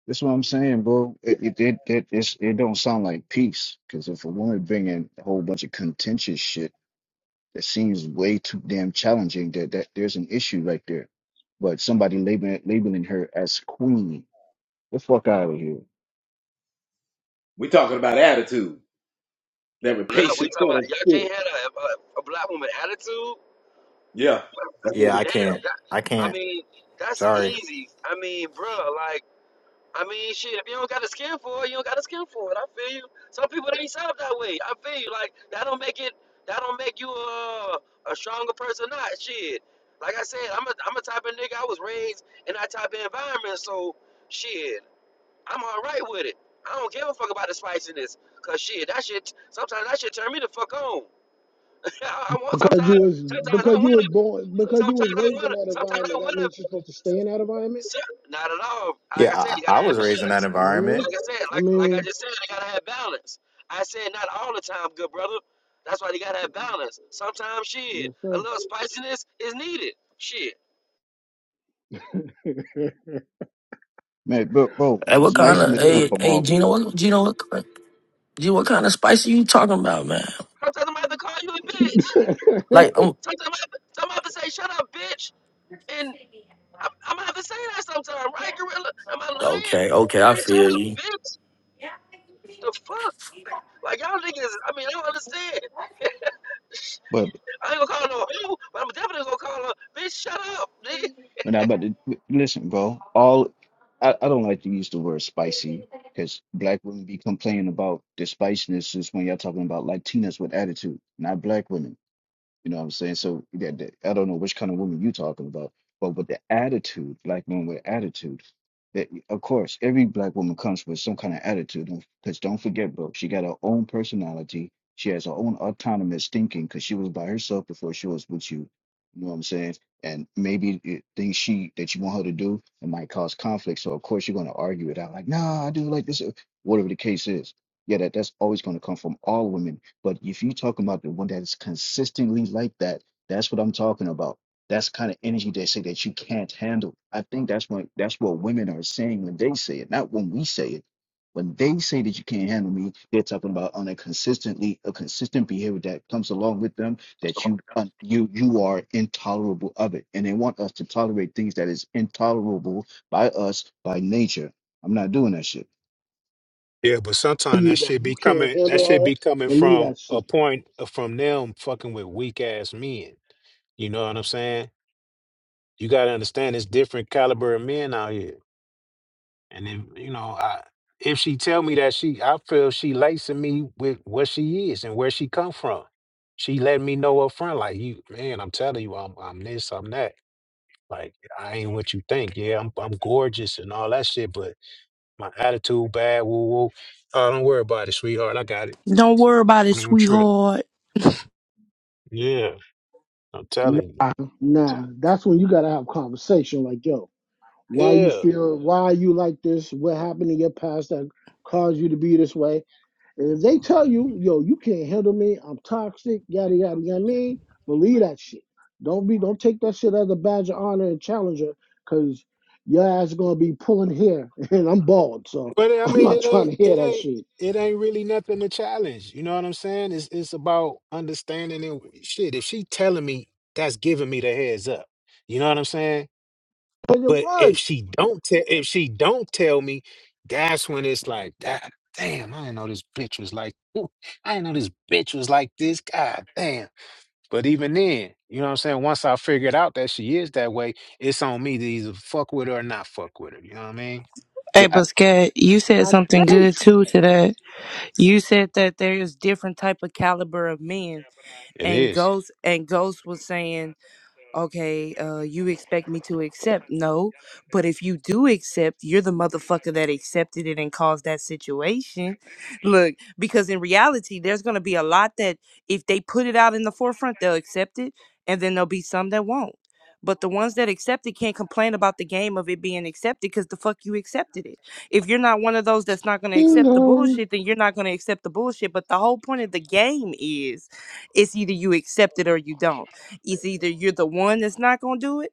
that's what I'm saying, bro. It it it it, it's, it don't sound like peace, because if a woman bring in a whole bunch of contentious shit that seems way too damn challenging, that that there's an issue right there. But somebody labeling labeling her as queen. The fuck out of here, We're talking about attitude, that Not rapacious we talking kind of about y'all spirit. can't have a, a, a black woman attitude. Yeah. that's what Yeah, I Damn, can't. that, I I can't. mean that's Sorry. easy. I mean, bruh, like I mean, shit. If you don't got a skin for it, you don't got a skin for it. I feel you. Some people they ain't set up that way. I feel you. Like that don't make it. That don't make you a a stronger person. or Not shit. Like I said, I'm a I'm a type of nigga. I was raised in that type of environment. So shit. I'm all right with it. I don't give a fuck about the spiciness, cause shit, that shit. Sometimes that shit turn me the fuck on. [laughs] I, I want because sometimes. you was Sometimes I because you wanna. was born because you was Sometimes I raised in wanna. that Sometimes I environment, that wanna. means you're supposed to stay in that environment. so- Not at all. Like Yeah, I said, I, you I I gotta have was raised in that balance. You know what I Like mean? environment. I said, I like like I mean, just said, you gotta have balance. I said not all the time, good brother. That's why you gotta have balance. Sometimes shit, yes a sir. little spiciness is needed. Shit. [laughs] man, bro. Bro, Hey, what kind of spiciness comes hey Man from hey all Gino? women, bro. What Gino? What Gino, what kind of spice are you talking about, man? Sometimes I might have to call you a bitch. [laughs] Like, um. Sometimes I might have to, sometimes I have to say shut up, bitch, and. I'm, I'm having to say that sometimes, right, Gorilla? Am I lying? Okay, okay, I Man, shut feel up, you. bitch. The fuck? Like, y'all niggas, I mean, I don't understand. But I ain't gonna call no hoe, but I'm definitely gonna call her, bitch, shut up, nigga. when I about to listen, bro, all I, I don't like to use the word spicy because black women be complaining about the spiciness is when y'all talking about Latinas with attitude, not black women. You know what I'm saying? So yeah, the- I don't know which kind of woman you're talking about, but with the attitude, black women with attitude, that of course every black woman comes with some kind of attitude. Because don't forget, bro, she got her own personality. She has her own autonomous thinking because she was by herself before she was with you. You know what I'm saying? And maybe it, things she that you want her to do it might cause conflict. So of course you're gonna argue it out, like, nah, I do it like this, or whatever the case is. Yeah, that that's always gonna come from all women but if you talking about the one that is consistently like that, that's what I'm talking about. That's kind of energy they say that you can't handle. I think that's what that's what women are saying when they say it, not when we say it. When they say that you can't handle me, they're talking about on a consistently a consistent behavior that comes along with them that you So, un, you you are intolerable of it, and they want us to tolerate things that is intolerable by us by nature. I'm not doing that shit. Yeah, but sometimes you that that shit you be can't coming. That handle shit be her, coming believe from that a shit. point uh, from them fucking with weak ass men. You know what I'm saying? You got to understand, it's different caliber of men out here. And if you know, I if she tell me that she, I feel she lacing me with what she is and where she come from. She let me know up front, like you, man. I'm telling you, I'm I'm this, I'm that. Like I ain't what you think. Yeah, I'm I'm gorgeous and all that shit, but my attitude bad. Woo woo. Oh, don't worry about it, sweetheart. I got it. Don't worry about it, Don't even trip. sweetheart. Yeah, I'm telling you. Nah, nah. That's when you gotta have conversation. Like, yo, why you Yeah. feel, why you like this? What happened in your past that caused you to be this way? And if they tell you, yo, you can't handle me, I'm toxic, yada yada yada. I mean, believe that shit. Don't be, don't take that shit as a badge of honor and challenger, cause your ass gonna be pulling hair, [laughs] and I'm bald, so But [laughs] I I'm mean, not it trying ain't to hear it that ain't shit. it ain't really nothing to challenge. You know what I'm saying? It's it's about understanding it. Shit, if she telling me, that's giving me the heads up. You know what I'm saying? And it But was, if she don't tell, if she don't tell me, that's when it's like, "Ah, damn, I didn't know this bitch was like, ooh, I didn't know this bitch was like this. God damn. But even then, you know what I'm saying? Once I figured out that she is that way, it's on me to either fuck with her or not fuck with her. You know what I mean? Hey, Yeah, I, Buscat, you said like, something they good treat too me. to that. You said that there is different type of caliber of men, It and is. Ghost and Ghost was saying okay, uh, you expect me to accept. No, but if you do accept, you're the motherfucker that accepted it and caused that situation. Look, because in reality, there's going to be a lot that if they put it out in the forefront, they'll accept it, and then there'll be some that won't. But the ones that accept it can't complain about the game of it being accepted because the fuck you accepted it. If you're not one of those that's not going to accept the Bingo. bullshit, then you're not going to accept the bullshit. But the whole point of the game is it's either you accept it or you don't it's either you're the one that's not going to do it,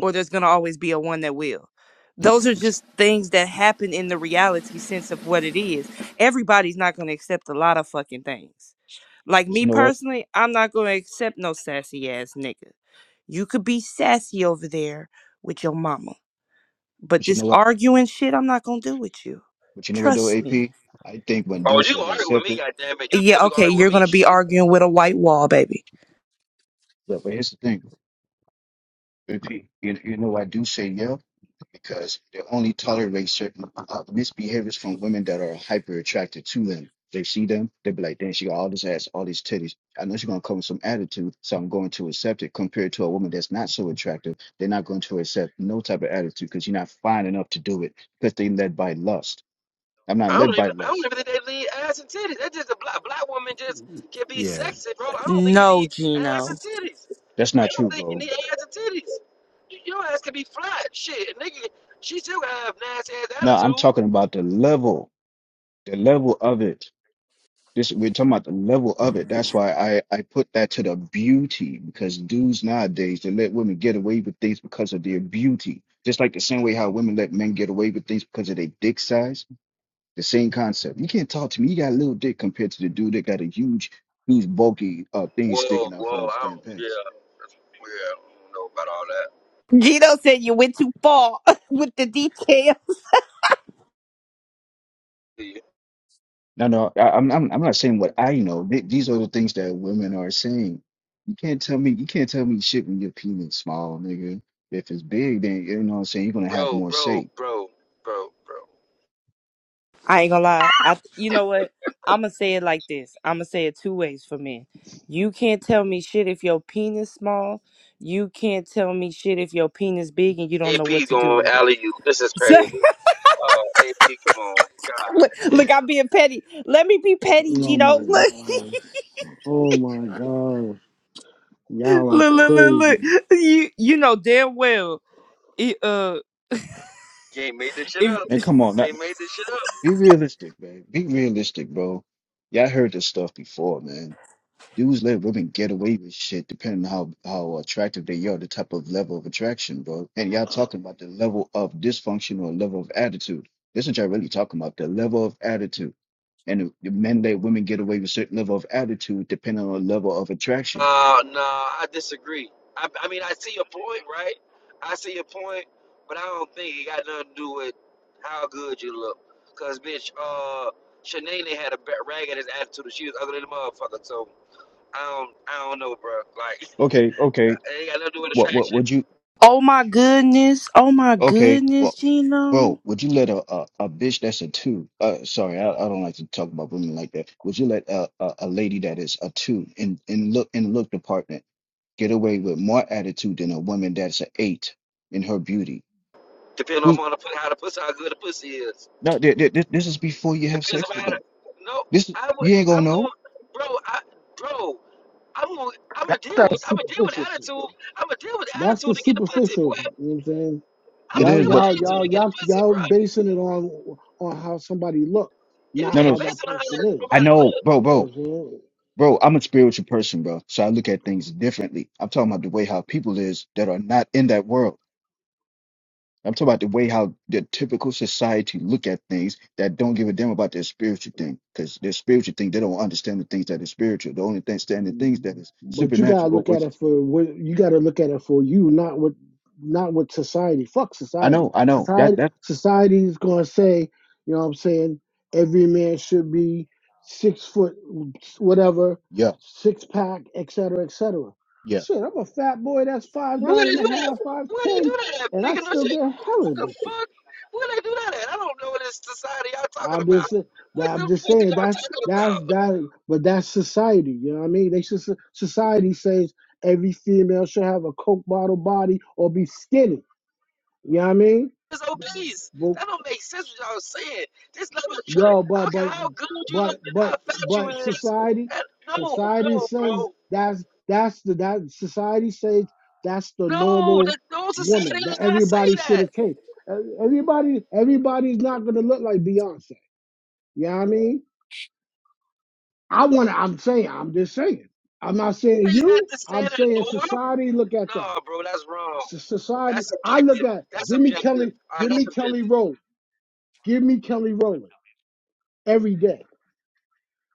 or there's going to always be a one that will. it- Those are but, you- just things that happen in the reality sense of what it is. Everybody's not going to accept a lot of fucking things. Like but me you know what? personally, I'm not going to accept no sassy ass nigga. You could be sassy over there with your mama, but But you this know what? arguing shit, I'm not going to do with you. But you know what though, Trust me. AP? I think when Oh, dudes you say gonna they argue with accept me, it, goddamn it. You Yeah, definitely gonna okay, argue with you're me, gonna be shit. arguing with a white wall, baby. but, but here's the thing, AP. You, you know I do say yeah because they only tolerate certain uh, misbehaviors from women that are hyper attracted to them. They see them, they be like, damn, she got all this ass, all these titties. I know she's gonna come with some attitude, so I'm going to accept it. Compared to a woman that's not so attractive, they're not going to accept no type of attitude because you're not fine enough to do it because they led by lust. I'm not I don't led by even, I don't lust. even think they need ass and titties. That's just a black, black woman just can be Yeah. sexy, bro. I don't think you No, need ass Gino. and titties. That's I not don't true, think you bro. need ass and titties. Your ass can be flat, shit, nigga. She still gonna have nasty ass No, I'm attitude. talking about the level. the level of it this we're talking about the level of it that's why i i put that to the beauty because dudes nowadays they let women get away with things because of their beauty just like the same way how women let men get away with things because of their dick size the same concept you can't talk to me you got a little dick compared to the dude that got a huge huge bulky uh thing Whoa, sticking out from whoa, his I damn don't, yeah, pants that's, yeah, I don't know about all that. Gino said you went too far [laughs] with the detail. Yeah. No, no, I, I'm, I'm, I'm not saying what I know. Th- These are the things that women are saying. You can't tell me, you can't tell me shit when your penis small, nigga. If it's big, then you know what I'm saying. You're gonna have Bro, more bro, say. bro, bro, bro. I ain't gonna lie. I th- you know what? I'ma say it like this. I'ma say it two ways for men. You can't tell me shit if your penis small. You can't tell me shit if your penis big and you don't know what AP to do going with it. [laughs] alley you. This is So, crazy. Oh, AP, come on. God look, look, I'm being petty. Let me be petty, Oh Gino. my [laughs] Look, god. Oh my gosh. look, Y'all are look, look, crazy. look. You you know damn well. It, uh, damn. Can't make this shit if up. Man, come on, not, Can't make this shit up. be realistic, man. Be realistic, bro. Y'all heard this stuff before, man. Dudes let women get away with shit depending on how, how attractive they are, the type of level of attraction, bro. And y'all talking about the level of dysfunction or level of attitude. This is what y'all really talking about, the level of attitude. And the the men let women get away with certain level of attitude depending on the level of attraction. Uh, nah, I disagree. I, I mean, I see your point, right? I see your point, but I don't think it got nothing to do with how good you look. Cause bitch, uh, Shanae had a ba- rag at his attitude. She was ugly than a motherfucker. So I don't, I don't know, bro. Like, [laughs] it Okay, okay. ain't got nothing to do with What what attraction. would you oh my goodness, oh my Okay, goodness, well, Gino. bro, would you let a, a, a bitch that's a two? Uh, sorry, I, I don't like to talk about women like that. Would you let a, a, a lady that is a two in in look in look department get away with more attitude than a woman that's an eight in her beauty? Depending on Who's how the pu- how the pussy, how good the pussy is. no? th- th- th- This is before you have Depends sex on with how the. them. No, This is- I would. you ain't gonna I'm know. gonna, bro. I, bro. I'm gonna, I'm gonna deal with, That's I'm gonna deal with superficial shit though. attitude. I'm gonna deal with That's attitude the to get the pussy, superficial. boy. You know what I'm saying? I'm It gonna Y'all is, deal with but y'all attitude y'all to get the y'all pussy, y'all bro. basing it on on how somebody look, If you not no, can't no. how base that it on person how is. I nobody know, look, bro, You know what bro, I'm saying? bro. I'm a spiritual person, bro. So I look at things differently. I'm talking about the way how people is that are not in that world. I'm talking about the way how the typical society look at things that don't give a damn about their spiritual thing, because their spiritual thing they don't understand the things that is spiritual. The only thing standing things that is But you gotta supernatural, or look at which it is for what you gotta look at it for you, not what not what society. Fuck I society. know, I know that Society that society is gonna say, you know what I'm saying, every man should be six foot whatever, yeah six pack, et cetera, et cetera. yeah Shit, I'm a fat boy that's five where nine and they a do that? half, five Where they do ten, that, at, and I nigga? No still shit. get hella What the bitches. fuck? Where they do that at? I don't know what this society y'all talking I'm about. just nah, What I'm the just fuck are saying y'all that talking that's about? that but that's society, you know what I mean? They should society says every female should have a coke bottle body or be skinny. You know what I mean? is obese. But That don't make sense what y'all saying. This level of trying, yo, I but don't care but how good you look, but how but fat you but is. society That, no, society no, says bro. that's that's the that society says that's the No, normal the, no society woman does that not say everybody should that. attain. Everybody everybody's not gonna look like Beyonce. You know what I mean? I want to, I'm saying, I'm just saying. I'm not saying Is that you, the I'm standard saying norm? society look at that. No, bro, that's wrong. So- society, That's I look subjective. at That's Jimmy subjective. Kelly, All right, that's Jimmy Kelly subjective. Rowland, Give me Kelly Rowland every day.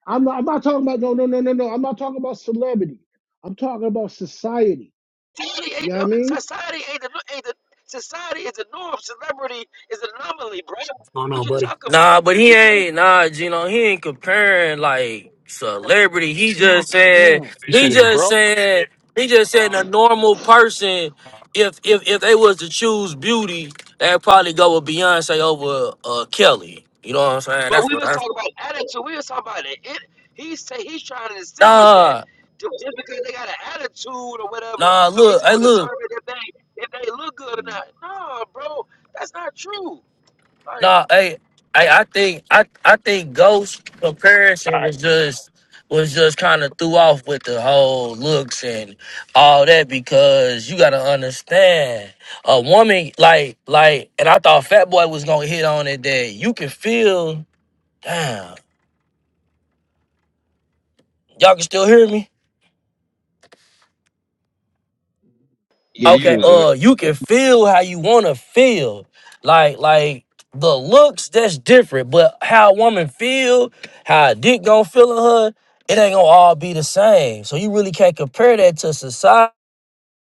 I'm not, I'm not talking about, no, no, no, no, no. I'm not talking about celebrity. I'm talking about society. Society You ain't know what no, I mean? society ain't the, ain't the, society is the norm. Celebrity is an anomaly, bro. What's going What on, you buddy? talk about? Nah, but he You can't. ain't nah, Gino. He ain't comparing like celebrity. He just said Yeah. You he said it's just broke. said he just Oh. said a normal person. If if if they was to choose beauty, they'd probably go with Beyonce over uh Kelly. You know what I'm saying? But That's we what was I. talking about attitude. We was talking about it. it he say he's trying to distinguish that Nah, ju- just because they got an attitude or whatever, nah. it's Look, hey, gonna look. determine if they if they look good or not. No, bro, that's not true. Like, No, hey, hey, I think I I think Ghost comparison was just was just kind of threw off with the whole looks and all that because you got to understand a woman like like and I thought Fat Boy was gonna hit on it that you can feel damn y'all can still hear me yeah yeah, you you Okay, good good. bro. uh, you can feel how you want to feel. Like, like the looks, that's different. But how a woman feel, how a dick gonna feel in her, it ain't gonna all be the same. So you really can't compare that to society.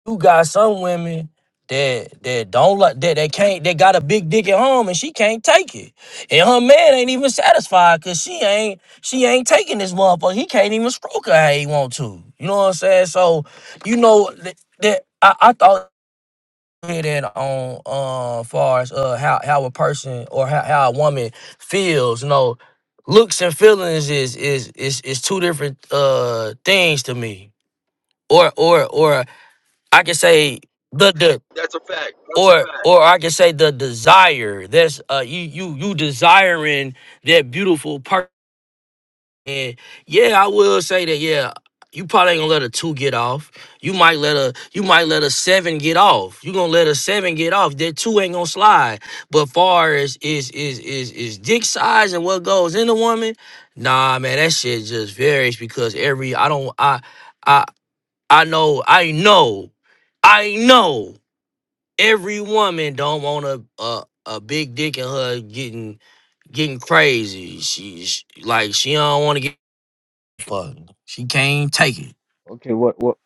You got some women that that don't like that they can't they got a big dick at home and she can't take it. And her man ain't even satisfied cause she ain't she ain't taking this motherfucker. He can't even stroke her how he want to. You know what I'm saying? So you know that, that I, I thought hear that on uh far as uh how how a person or how, how a woman feels you know looks and feelings is is is is two different uh things to me or or or i can say the the That's a fact. That's a or fact. or i can say the desire that's uh you you you desiring that beautiful person and yeah, I will say that. Yeah, you probably ain't gonna let a two get off. You might let a you might let a seven get off. You gonna let a seven get off. That two ain't gonna slide. But far as is is is is dick size and what goes in a woman, nah, man, that shit just varies because every I don't I I I know I know I know every woman don't want a a, a big dick in her getting getting crazy. She's like she don't want to get. Fuck. She can't take it. Okay, what what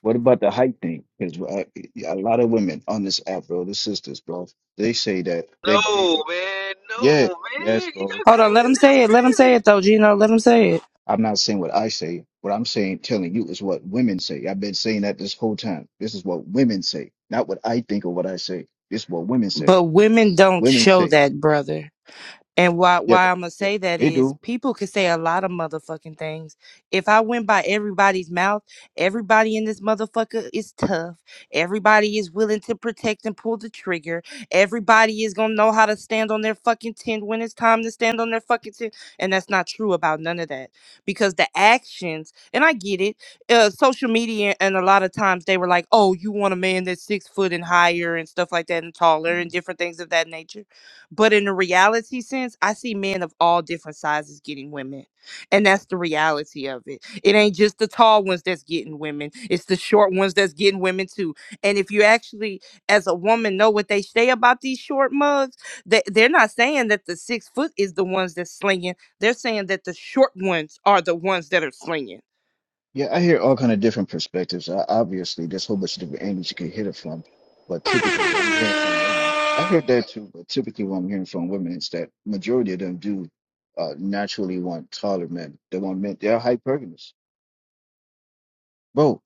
what about the height thing? Because a lot of women on this app, bro, the sisters, bro, they say that they, they No, man. No, yeah yes man. You bro got Hold on, let crazy. him say it. Let him say it though, Gino. Let him say it. I'm not saying what I say. What I'm saying, telling you, is what women say. I've been saying that this whole time. This is what women say, not what I think or what I say. This is what women say. But women don't Women show say, that, brother. And why yeah, why but I'm gonna yeah, say that they is do. people could say a lot of motherfucking things. If I went by everybody's mouth, everybody in this motherfucker is tough. Everybody is willing to protect and pull the trigger. Everybody is gonna know how to stand on their fucking ten when it's time to stand on their fucking ten. And that's not true about none of that because the actions. And I get it. Uh, social media and a lot of times they were like, "Oh, you want a man that's six foot and higher and stuff like that and taller and Mhm. different things of that nature." But in the reality sense, I see men of all different sizes getting women. And that's the reality of it. It ain't just the tall ones that's getting women, it's the short ones that's getting women too. And if you actually, as a woman, know what they say about these short mugs, they, they're not saying that the six foot is the ones that's slinging. They're saying that the short ones are the ones that are slinging. Yeah, I hear all kind of different perspectives. Uh, Obviously, there's a whole bunch of different angles you can hit it from. But typically, what I'm hearing from women, I That's crazy, heard that too. But typically, what I'm hearing from women is that majority of them do uh, naturally want taller men. They want men. They're hypergamous, bro.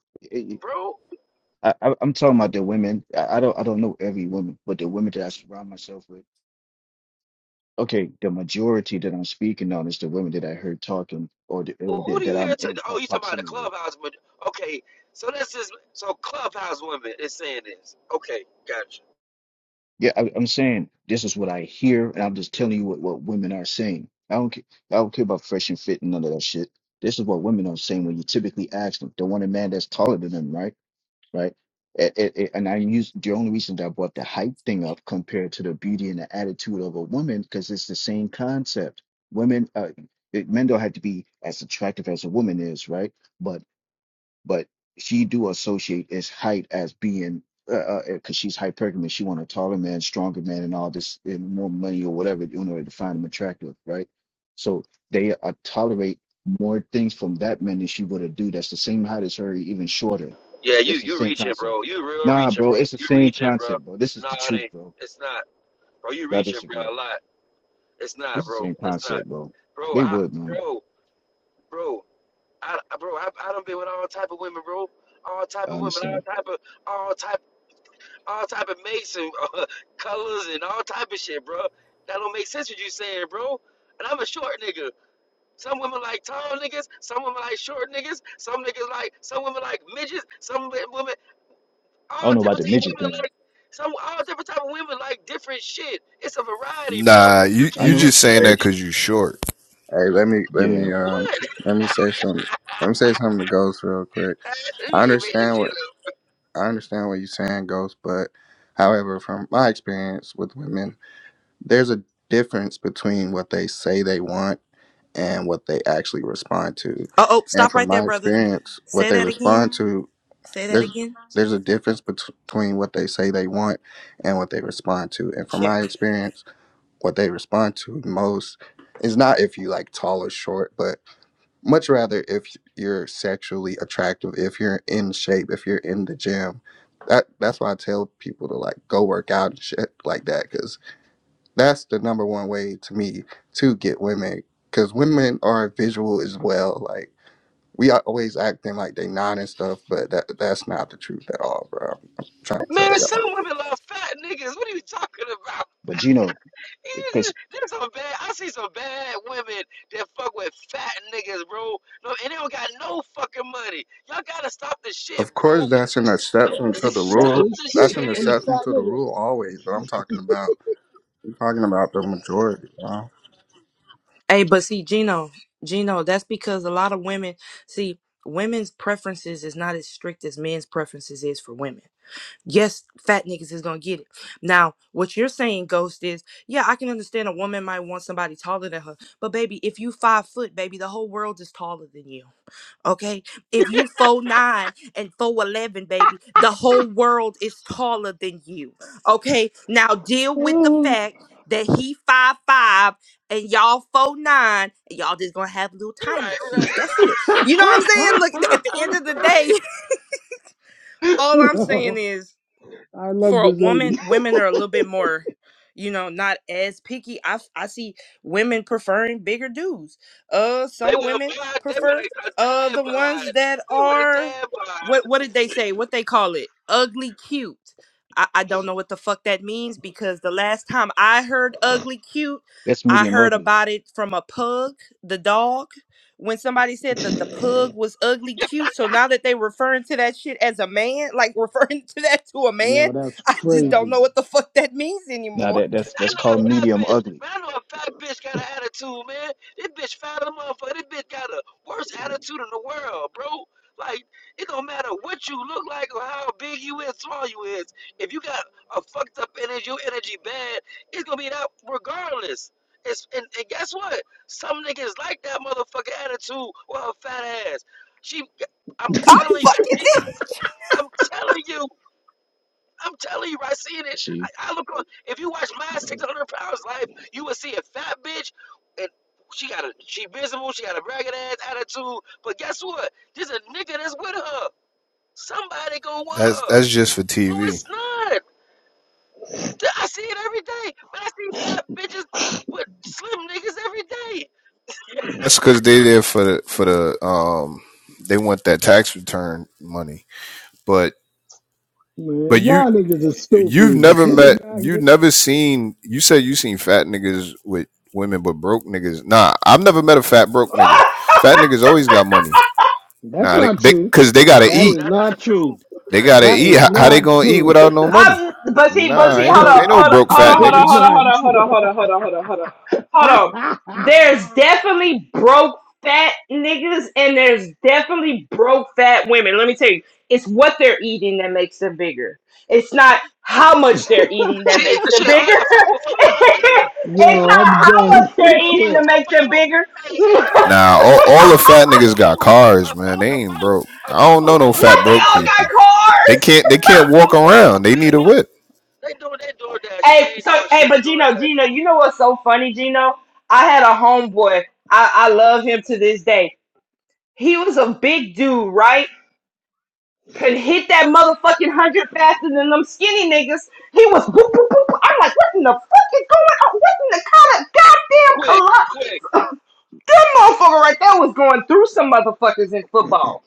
bro. I, I I'm talking about the women. I, I don't I don't know every woman, but the women that I surround myself with. Okay, the majority that I'm speaking on is the women that I heard talking or, the, or Well, who that, do you that hear? I'm To, in oh, pro- you talking about the proximity with. clubhouse? But okay, so this is so clubhouse women is saying this. Okay, gotcha. Yeah, I, I'm saying this is what I hear, and I'm just telling you what, what women are saying. I don't care, I don't care about fresh and fit and none of that shit. This is what women are saying when you typically ask them. They want a man that's taller than them, right? right? It, it, it- and I'm using the only reason that I brought the height thing up compared to the beauty and the attitude of a woman because it's the same concept. Women, uh, it, men don't have to be as attractive as a woman is, right? But but she do associate as height as being because uh, uh 'cause she's hypergamous. She want a taller man, stronger man, and all this, and more money or whatever in order to find him attractive, right? So they uh, tolerate more things from that man than she would a dude that's the same height as her, even shorter. Yeah, you It's the you same reaching, concept. bro. You real Nah, reaching, bro, bro. it's the You same reaching, bro. concept, bro. This is No, the it truth, ain't. bro. It's not, bro. You I reaching, bro. disagree. A lot. It's not, This is the bro. same It's not, concept, bro. bro. They I, would, man. bro, bro. I, I- bro. I, I done been with all type of women, bro. All type I of women, understand. all type of, all type, all type of makes and uh, [laughs] colors and all type of shit, bro. That don't make sense what you saying, bro. And I'm a short nigga. Some women like tall niggas. Some women like short niggas. Some niggas like some women like midgets. Some women I all don't know about different the type of midget women thing. like some all different type of women like different shit. It's a variety, bro. Nah, You you I you can't know. just just saying Hey, that you because you short. hey, let me let Yeah. me um what? let me say something. Let me say something to Ghost real quick. [laughs] I you ain't made this understand shit what up. I understand what you're saying, Ghost, but however, from my experience with women, there's a difference between what they say they want and what they actually respond to. Uh oh, And stop from right there, my brother. experience, what Say they that again. respond to, Say that there's again. there's a difference bet- between what they say they want and what they respond to. And from my Check. experience, what they respond to most is not if you like tall or short, but much rather if you're sexually attractive, if you're in shape, if you're in the gym. That that's why I tell people to like go work out and shit like that because that's the number one way to me to get women because women are visual as well. Like we are always acting like they not and stuff, but that that's not the truth at all, bro. I'm trying to tell Man, some y'all. women love fat niggas. What are you talking about? But Gino, [laughs] because There's some bad. I see some bad women that fuck with fat niggas, bro. No, and they don't got no fucking money. Y'all gotta stop the shit, Of bro. course, that's an No, exception [laughs] to the that stop rule. is the true, That's an because I'm shit. a exception fat to the rule always, but I'm talking about I'm talking about the majority. Bro. Hey, but see, Gino, Gino, that's because a lot of women see women's preferences is not as strict as men's preferences is for women. Yes, fat niggas is gonna get it. Now, what you're saying, Ghost, is yeah, I can understand a woman might want somebody taller than her, but baby, if you five foot, baby, the whole world is taller than you. Okay. If you four nine and four eleven, baby, the whole world is taller than you. Okay. Now deal with the fact that he five five and y'all four nine, and y'all just gonna have little tiny right, kids. right, That's it. You know what I'm saying? Look, at the nigga. end Oh. of the day, right. [laughs] [laughs] all I'm saying Yo, is I love for a this woman, lady. women are a little bit more, you know, not as picky. I f- I see women preferring bigger dudes. Uh, They some want a women bod. They want prefer a, a uh dad the bod. ones that They want a are dad what bod. what did they say? What they call it? Ugly cute. I, I don't know what the fuck that means because the last time I heard ugly cute, That's I medium heard ugly. about it from a pug, the dog. When somebody said that the pug was ugly cute, so now that they referring to that shit as a man, like referring [laughs] to that to a [laughs] man, Yo, that's [laughs] I just don't No, crazy. know what the fuck that means no, anymore. that that's I that's know called a fat medium bitch, ugly. man. I know a fat bitch got an attitude, man. This bitch fat as a motherfucker. This bitch got a worst attitude in the world, bro. Like, it don't matter what you look like or how big you is, small you is. If you got a fucked up energy, your energy bad, it's gonna be that regardless. It's, and, and guess what? Some niggas like that motherfucking attitude or her fat ass. She, I'm [laughs] I'm telling you, I fucking see, dead. I'm telling you. I'm telling you, I seen You it. see. I, I look on. If you watch my 600 pounds life, you would see a fat bitch, and she got a she visible. She got a ragged ass attitude. But guess what? There's a nigga that's with her. Somebody gonna want That's her. that's just for No, TV. it's not. I see it every day. But I see fat bitches with slim niggas every day. That's because they there for the for the um they want that tax return money. But but Man, you y'all niggas are you've stupid. never met [laughs] Y'all you've get- never seen you said you seen fat niggas with women but broke niggas. Nah, I've never met a fat broke nigga. Fat niggas always got money. That's Nah, I, they not they true. because they gotta I That bro, eat. is that's not not true. true. They That's gotta not That eat. is true. How, how they not gonna eat true. without no money? Um, but see, but [laughs] Nah, see, ain't hold no on, that ain't no hold broke on, hold on, fat is niggas. hold on, not hold on, hold on, true. hold on, hold on, hold on, hold on, hold on. There's [laughs] definitely broke fat niggas, and there's definitely broke fat women. Let me tell you, it's what they're eating that makes them bigger. It's not how much they're eating that Shit, makes them shit, all bigger. that four for four, [laughs] four dollars. Shit, it's a not Yo, four I'm for how four, much done. [laughs] I they're a eating four to can't. for make them four. bigger. [laughs] Hey, not AP, Nah, all, AP, all a the four fat for niggas got four, cars, a four man. They for ain't four, broke. a I four don't for know no four is fat four they broke all dollars, got bro. people. They cars. can't they A can't walk four for four, around. They need five a whip. dollars. They doing that door dashing. Hey, They ain't so doing hey, shit but but door Gino, Gino, dashing. you know what's so funny, Gino? I had a homeboy. I, I love him to this day. He was a big dude, right? Could hit that motherfucking hundred faster than them skinny niggas. He was boop, boop, boop, boop. I'm like, what in the fuck is going on? What in the kind Quick, quick. of goddamn collide? [laughs] That motherfucker right there was going through some motherfuckers in football.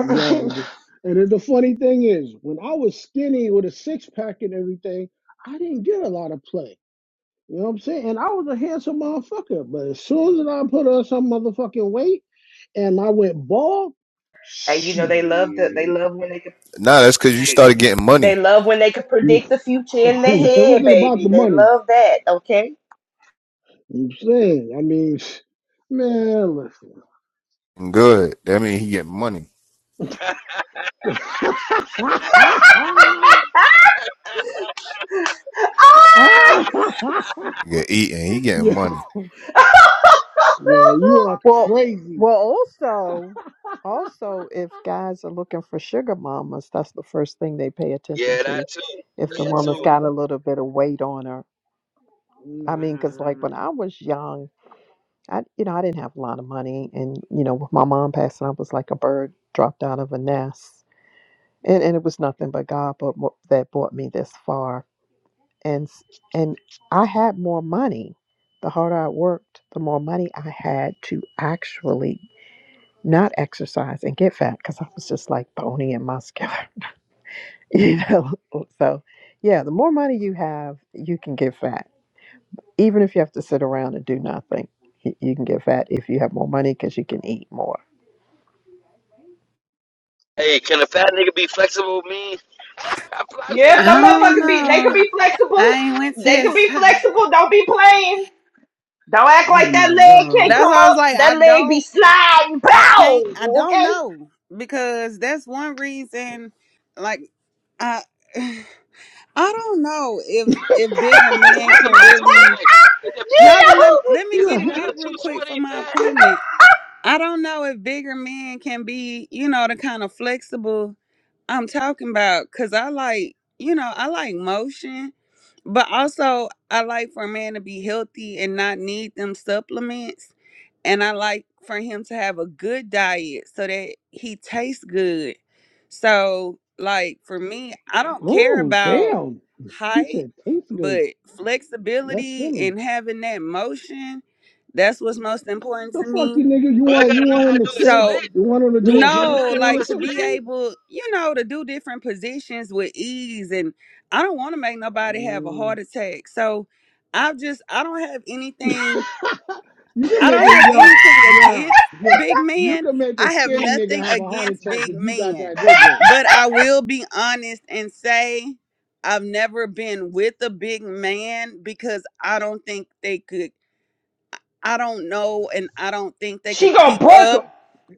Yo, th- and then the funny thing is, when I was skinny with a six pack and everything, I didn't get a lot of play. You know what I'm saying? And I was a handsome motherfucker. But as soon as I put on some motherfucking weight and I went bald, Hey, you know they love to. They shit. love when they could. Nah, that's cause you Hey, started getting They money. love when they could predict the future [laughs] in their it head, wasn't about baby. the They money. love that. Okay. I'm saying, I mean, [sniffs] man, listen. Good. That mean he getting money. [laughs] He get eating. He getting yo, money. yo, you are well crazy, well also also if guys are looking for sugar mamas that's the first thing they pay attention yeah, that to too. if the That woman's too. got a man. little bit of weight on her i mean because like Nah, when i was young I, you know, I didn't have a lot of money, and you know, with my mom passing, I was like a bird dropped out of a nest, and and it was nothing but God, but mo- that brought me this far, and s- and I had more money. The harder I worked, the more money I had to actually not exercise and get fat because I was just like bony and muscular, [laughs] you know. So, yeah, the more money you have, you can get fat Even if you have to sit around and do nothing, you, you can get fat if you have more money because you can eat more. Hey, can a shit. fat nigga be flexible with me? I probably seen Yeah, a some fat nigga. don't motherfuckers be they know. could be I flexible. ain't went to They that [laughs] could be side. flexible. Don't be playing. Don't act Oh like that my leg can't god. That's come why I was up. like, That I leg be don't, sliding. I Pow! can't, I don't Okay? know because that's one reason. Like, I, [sighs] I don't know if if bigger What's men what's the can max? What's the really. max? Is it is Y'all it gonna more? let let me Is it get it more Yeah. than out real two quick for twenty my fat? appointment. I don't know if bigger men can be, you know, the kind of flexible I'm talking about. Cause I like, you know, I like motion, but also I like for a man to be healthy and not need them supplements. And I like for him to have a good diet so that he tastes good. So, like, for me, I don't care Oh about damn. He height, said tastes good. but Let's flexibility Philly. and having that motion, that's what's most important The to fuck me you nigga. You But I want you gotta know want how him to to do a sit? split. so You want him to You do a can learn how no, to do handstand or a like to some be split. shit? able, you know, to do different positions with ease. And I don't want to make I nobody have a mean, heart attack. So I've just I don't have anything You can I make don't it, have yo, anything yo, against yo. big You men. can make a I have skinny nigga nothing have a heart against attack big if you got men. that good good. But I will be honest and say I've never been with a big man because I don't think they could I don't know and I don't think they She could gonna keep break him. up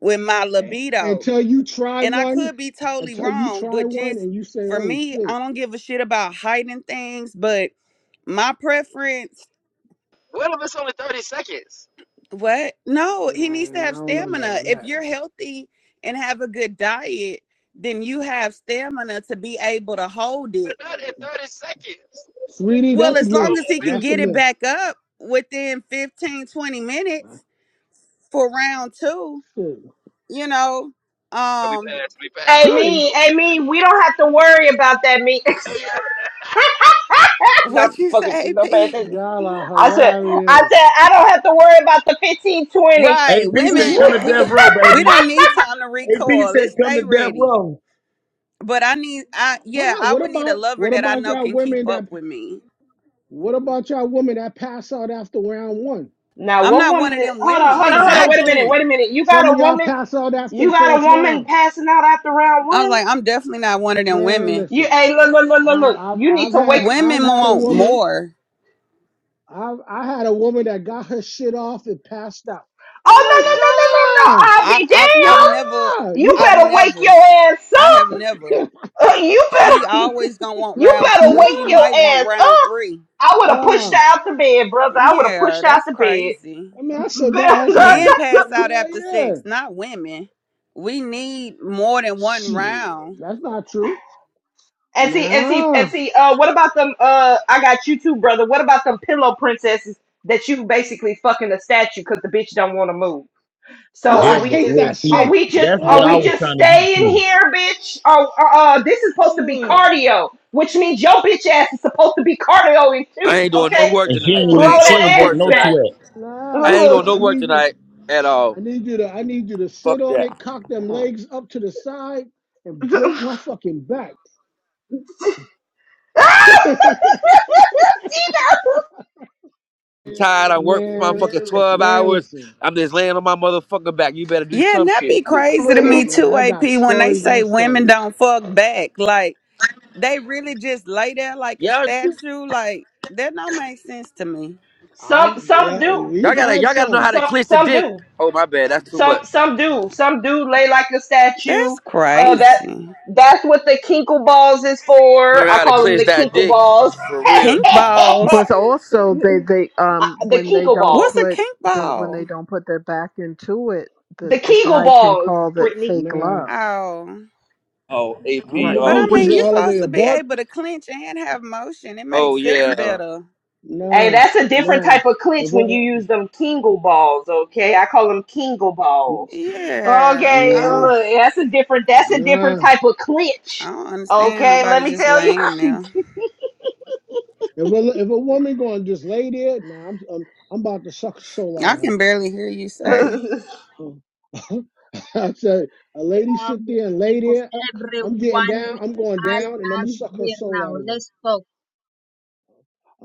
with my A- libido Until you try and I one, could be totally until you wrong, try but one just and you say, for oh me, shit, I don't give a shit about hiding things. But my preference, What if it's only 30 seconds? what? No, nah, he needs to I have don't know about stamina. all If that. you're healthy and have a good diet, then you have stamina to be able to hold We're it. not in 30 seconds. Sweetie, Well, that's a as Oh, long myth. as he man. can That's a get it myth. back up within 15, 20 minutes for round two, Shit. you know, And we um, passed. We passed. Hey All right, Two, me, cool. hey me, we don't have to worry about that me. [laughs] Hey, yeah. [laughs] Not what you fucking say, no pay P? attention. y'all are I said I hilarious. said I don't have to worry about the fifteen twenty. Right. AP said, Women, "Come to death we row, we baby." don't need time to AP recoil. said, Let's "Come stay to death ready. row." But I need I yeah, What, I what would need a about lover what that I about know y'all can women keep up that with me. what about y'all women that pass out after round one? [laughs] now I'm what not one woman of did, them hold on, hold on, After women. a hold on, half wait a minute, wait a minute. You got some a of y'all woman pass out after you the got a first woman round. passing out after round I was one? like, I'm definitely not one of them Man, women. You, listen. hey, look, look, look, look, I, look. I've You need I've to wake. had I've Women had a want woman. more. I've I had a woman that got her shit off and passed out. I'm Oh no, like, I no, no, no, no, nah, no! I'll be I I've damned. never You nah, I've better wake never your ass I up. have never. Uh, you She better, always gonna want you round [laughs] better two and wake she nah. your might want ass round up. three. I would have pushed Uh, her out the bed, brother. I would have Yeah, pushed her out that's the bed. crazy. I mean, I said that ass Men home. [laughs] pass out Yeah, after yeah. sex, not women. We need more than one Shit, round. that's not true. and see, and see, and Nah. see. Uh, what about them? Uh, I got you too, brother. What about them pillow princesses that you basically fucking a statue because the bitch don't want to move? So Ah, are I Yeah, we but hate just well, that see, are shit. we just that's what are I we was Ugh, just trying to get staying to, here, bitch? Oh, uh, uh, this is supposed to be ugh. cardio, which means your bitch ass is supposed to be cardioing I too. ain't doing no Okay, work and she tonight. ain't throw I Nah, even- ain't she doing no ain't that broke ass work no back. tonight. sweat. nah. I ain't doing no Look, I work need. tonight at all. I need you to I need you to sit Fuck on that. it, cock them legs up to the side, [laughs] and see break my fucking back. [laughs] that? I'm tired. I work for my man, fucking 12 man, hours. listen, I'm just laying on my motherfucking back. You better do Yeah, some and that shit, be bitch. crazy to me look. man, too, I AP, got when they stories on say women stories. don't fuck back. Like they really just lay there like a Y'all, statue. Like that don't make sense to me. I Some some yeah, do, y'all we've gotta, had y'all gotta know how some. to some clinch the some dick. do, Oh my bad, that's too some much. some do, some do lay like a statue. That's Uh, that crazy. that's what the kinkle balls is for. Learn I how to call them clinch the that kinkle dick balls. for real. Kink balls. But also, [laughs] they they Uh, um the when they Kegel don't What's a balls. put kink the when they ball? don't put their back into it, The the the Kegel guy can balls, call that Brittany. fake Nah, love, Oh. Oh, I'm I'm AP. right? But gonna I Oh When keep it mean you're shit. all the way supposed to a be buck. able to clench and have motion. It Oh makes sex yeah. Stop better. Hey, Nah, that's a different nah. type of clinch If when a, you use them Kegel balls, okay? I call them Kegel balls. Yeah. I Okay, don't- nah, look, that's a different that's a different nah. type of clinch. I don't understand Okay, let nobody me just tell laying there. you. If a, if a woman gonna just lay there, nah, I'm, I'm I'm about to suck the soul out I of can her. barely hear you Fuck it. say. [laughs] Oh. [laughs] I said, a lady sit um, there and lay from there. I'm getting everyone. down. I'm going I down, and I'm am gonna suck her here soul now. out of Let's her. talk.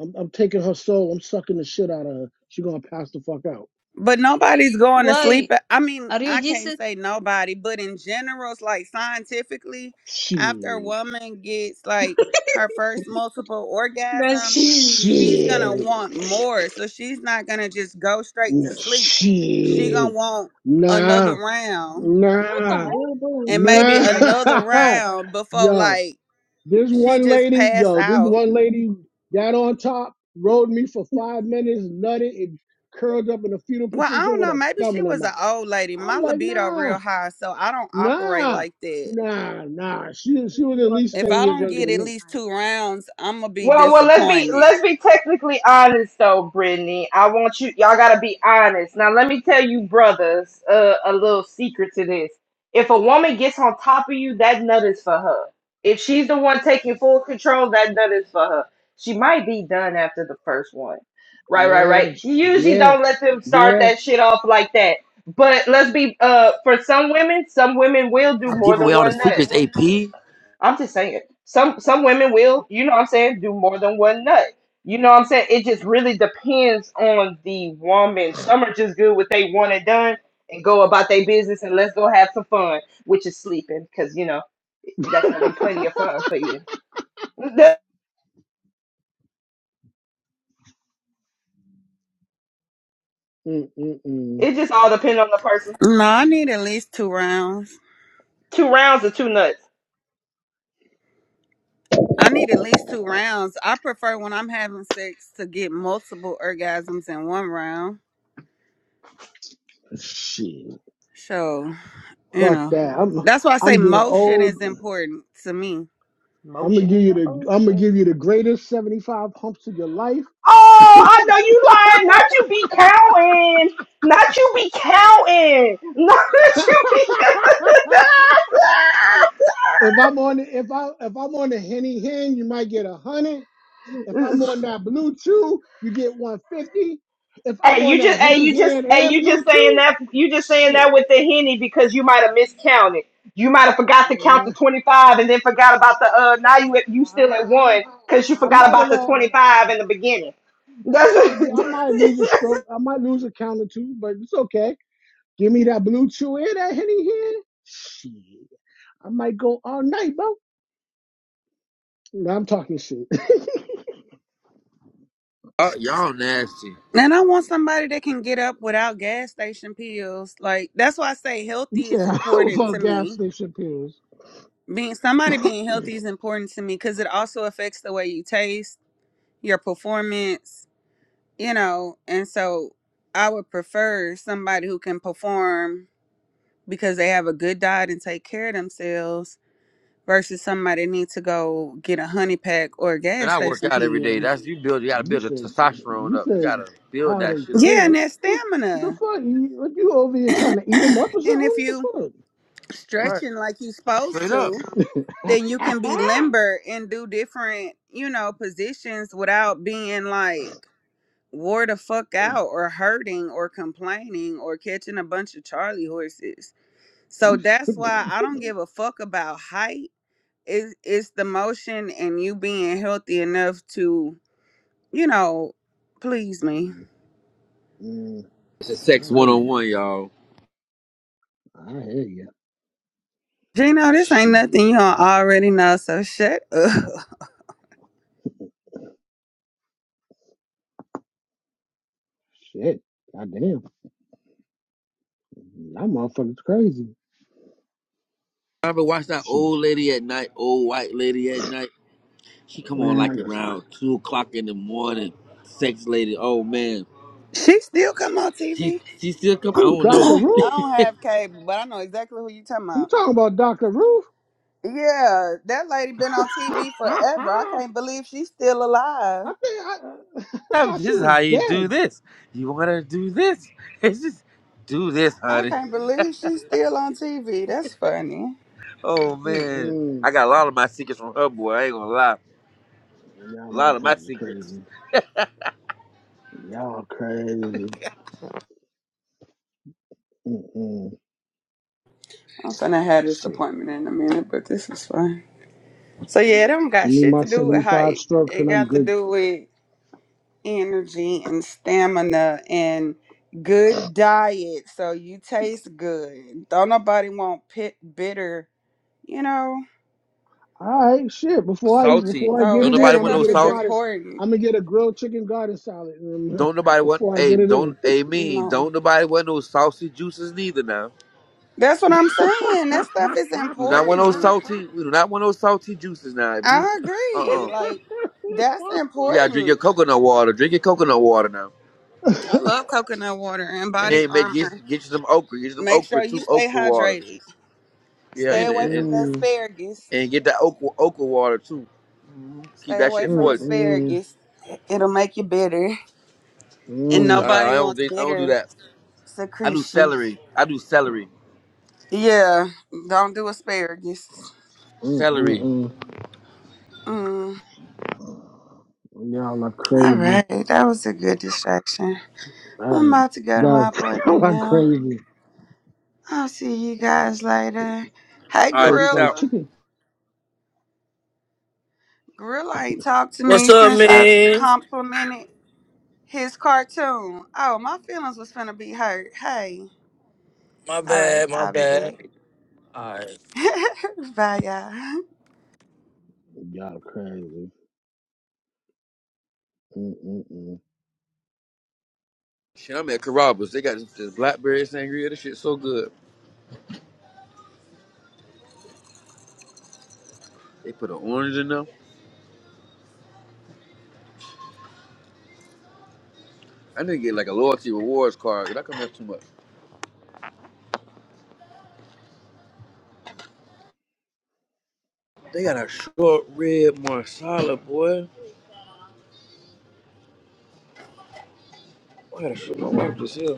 I'm, I'm taking her soul. I'm sucking the shit out of her. She gonna pass the fuck out. But nobody's going to Why? sleep. at- I mean, Are you I can't Jesus? say nobody, but in general, it's like scientifically, after a Shit, woman gets [laughs] like her first multiple That's orgasm, she. she's gonna shit, want more. So she's not gonna just go straight to sleep. She gonna shit. want another Nah, round What the Are nah, hell? you doing and shit maybe in the another bathroom or nah. what? round [laughs] before Yo. like This she one just lady, pass yo, this out one lady got on top, rode me for five minutes, nutted, and curled up in a fetal Well, I position don't with know. a Maybe thumb she in her was an mouth. old lady. I'm My like, libido nah, real high, so I don't operate nah, like that. nah, nah. She she Really was at least If yeah, ten I I'm years don't not younger get gonna than at me. come least two rounds, I'm gonna be Well, well, let's be disappointed. let's be technically honest though, Brittany. I want you y'all gotta be honest. Now let me tell you, brothers, uh, a little secret to this. If a woman gets on top of you, that nut is for her. If she's the one taking full control, that nut is for her. She might be done after the first one. Right, right, right. Yeah, You she- usually yeah, don't let them start yeah. that shit off like that. But let's be uh for some women, some women will do more giving away than all the one nut. secrets, AP. I'm just saying. Some some women will, you know what I'm saying, do more than one nut. You know what I'm saying? It just really depends on the woman. Some are just good with they one and done and go about their business and let's go have some fun, which is sleeping, because you know, that's gonna be plenty of fun for you. That- Mm mm mm. It just all depends on the person. No, I need at least two rounds. Two rounds or two nuts. I need at least two rounds. I prefer when I'm having sex to get multiple orgasms in one round. Shit. So, you Fuck know, that. I'm that's why I say I'm getting motion old. is important to me. I'm gonna Motion give in you the the I'm gonna give ocean. you the greatest 75 humps of your life. Oh, I know you lying. Not you be counting. Not you be counting. [laughs] Not that you [laughs] If I'm on the- if I if I'm on the henny hen, you might get a hundred. If be I'm counting. on that blue chew, you get one fifty. If I'm hey, on you that just hey henny you just hen hey and you just blue saying chew, that you just saying that shit, with the henny because you might have miscounted. You might have forgot to count the man, twenty five and then forgot about the uh now you at- you I, still at I, one because you I, I forgot might about have, uh, the twenty five I in the beginning. might That's get, I might [laughs] lose a stroke, I might lose a count or two, but it's okay. Give me that blue chew and that henny hen. Shit, I might go all night, bro. Nah, I'm talking shit. Oh, y'all nasty. And I want somebody that can get up without gas station pills. Like, that's why I say [laughs] you healthy said is I was important on to gas me. station pills. being somebody being healthy is important to me because it also affects the way you taste, your performance, you know. And so I would prefer somebody who can perform because they have a good diet and take care of themselves versus somebody need to go get a honey pack or a Man, gas I work station out every day. pill. That's you build. You gotta You build the said testosterone you up. You said gotta build how that they shit up. Yeah, and tail. that The stamina. fuck? You, you over here trying to [clears throat] eat them up or and if you something? Right, stretching like you supposed straight up. to, The fuck? then you can be limber and do different, you know, positions without being like wore the fuck out or hurting or complaining or catching a bunch of Charlie horses. So [laughs] that's why I don't give a fuck about height. It's, it's the motion and you being healthy enough to, you know, please me. mm, It's a nah, I sex hear one on you. one, y'all. I hear you. Gino, this ain't Shit. nothing you don't already know, so shut up. [laughs] Shit. Goddamn. Y'all motherfuckers crazy. I ever watch that Shit. old lady at night, old white lady at night. She come on like Man, listen. around two o'clock in the morning. Sex lady. Oh man, She still come on she TV. she still come. I Ooh, don't [coughs] [clears throat] know. Dr. I [laughs] Ruth? don't have cable, but I know exactly who you talking You about. talking about Dr. Ruth? Yeah, that lady been [laughs] on TV forever. I can't believe she's still alive. I think I, [laughs] I thought she This is was how you do dead. this. You wanna do this? [laughs] It's just do this, I honey. can't believe she's still on TV. That's funny. Oh man, I Mm-mm. got a lot of my secrets from her, boy. I ain't gonna lie. Y'all A lot of my motherfuckers are secrets. crazy. Y'all crazy. Mm-mm. I'm finna have this Shit. appointment in a minute, but this is fun. So yeah, it don't Give got me shit my to do with 75 height. strokes It and I'm got to good. do with energy and stamina and good diet. So you taste good. Don't nobody want pit bitter, you know? All right, shit. Before I Salty. before I get So Don't it in, nobody that I'm want gonna no stuff get a is sauce. goddess. important. I'm gonna get a grilled chicken garden salad um, Don't nobody [laughs] want. before I Hey, get it don't. in. Hey, mean. No. Don't nobody want no saucy juices neither. Now, That's what I'm saying. That stuff is we do not want no important. salty. We do not want no salty juices now. If you, I uh, agree. uh Like that's you gotta drink your important. coconut water. Drink your coconut water now. I [laughs] love coconut water and body And make get, armor. get you some okra. Get you some Make okra sure too. you stay Okra water. hydrated. Yeah, Stay and away and, from and, the Mm-mm. asparagus. and get that okra okra water too. Mhm. Keep Stay that away shit from moist. Mm-mm. asparagus. It- It'll make you bitter. No, And Mm. I, I nobody don't. wants do- I don't do bitter that. I do secretion. celery. I do celery. Yeah, don't do asparagus. Mm-mm-mm. Celery. mm Mm. you all are All crazy. right, that was a good distraction. I'm Um, about to go to my that's [laughs] y'all appointment are now. crazy. I'll see you guys later. Hey, All right, Tastes peace like out. Gorilla. chicken. Gorilla ain't talked to What's me up, since I man? complimented His cartoon. Oh, my feelings was finna be hurt. Hey. My All right, bad, my I'll be bad. back. All right. [laughs] Bye, y'all. Y'all are crazy. Mm-mm-mm. Shit, I'm at Carrabba's. They got this, this blackberry sangria. This shit so good. They put an orange in them. I need to get like a loyalty rewards card. Cause I come here too much. They got a short rib marsala, boy. Boy, I gotta show my wife this here.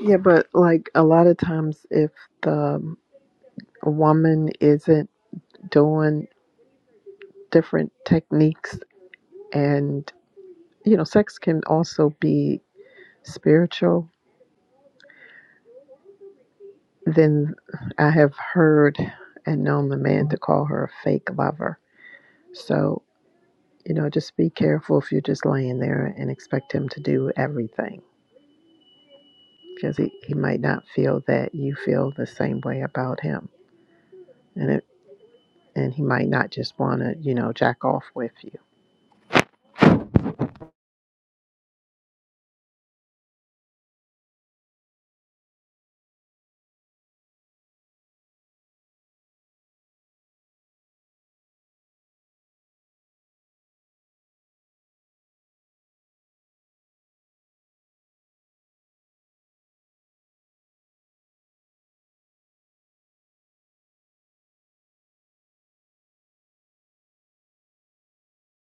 Yeah, but like a lot of times, if the um, woman isn't doing different techniques and, you know, sex can also be spiritual, then I have heard and known the man to call her a fake lover. So, you know, just be careful if you're just laying there and expect him to do everything because he, he might not feel that you feel the same way about him. And it, and he might not just want to, you know, jack off with you.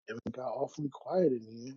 It got awfully quiet in here.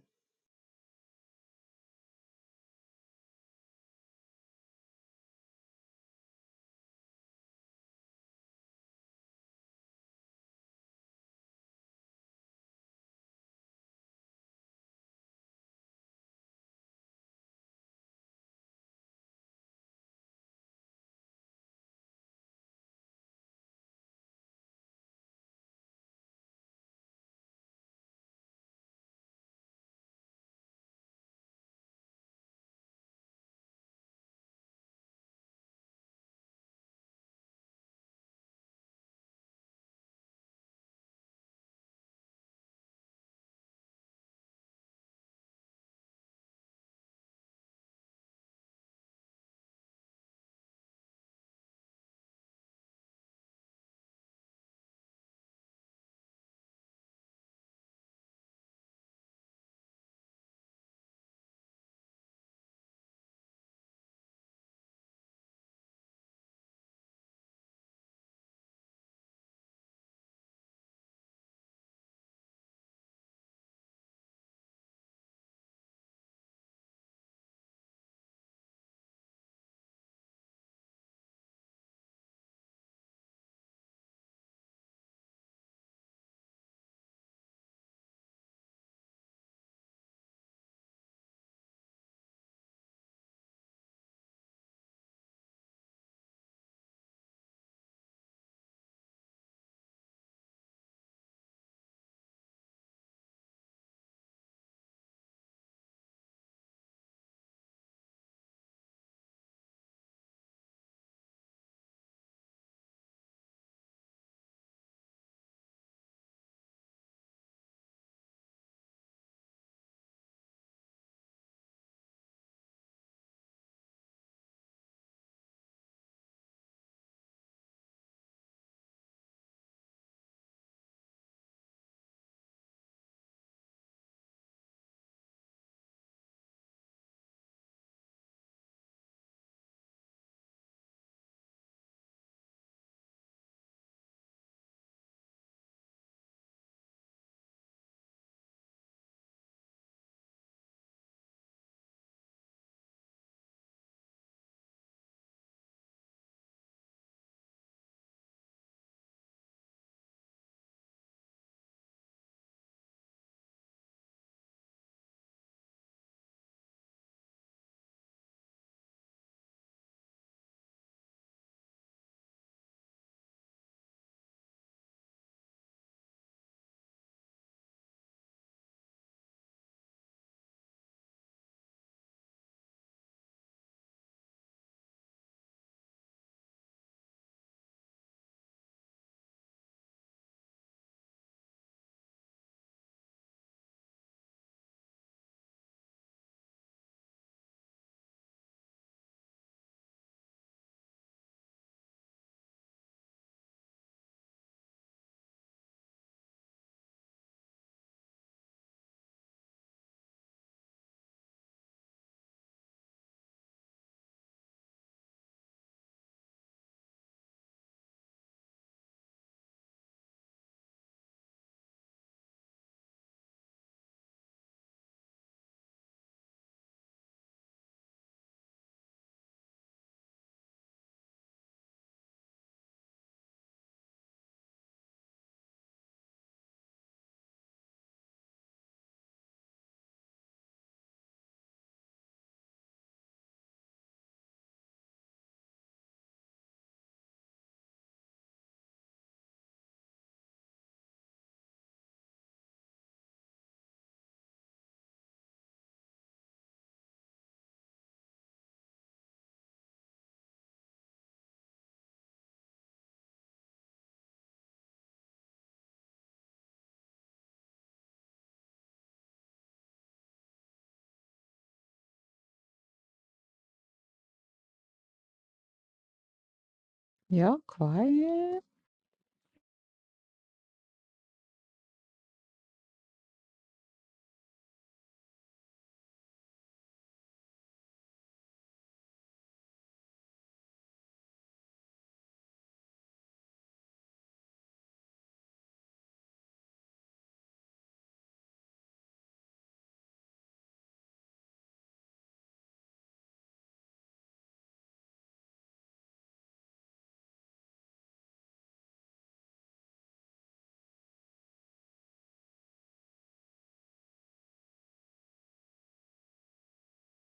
Yeah, quiet.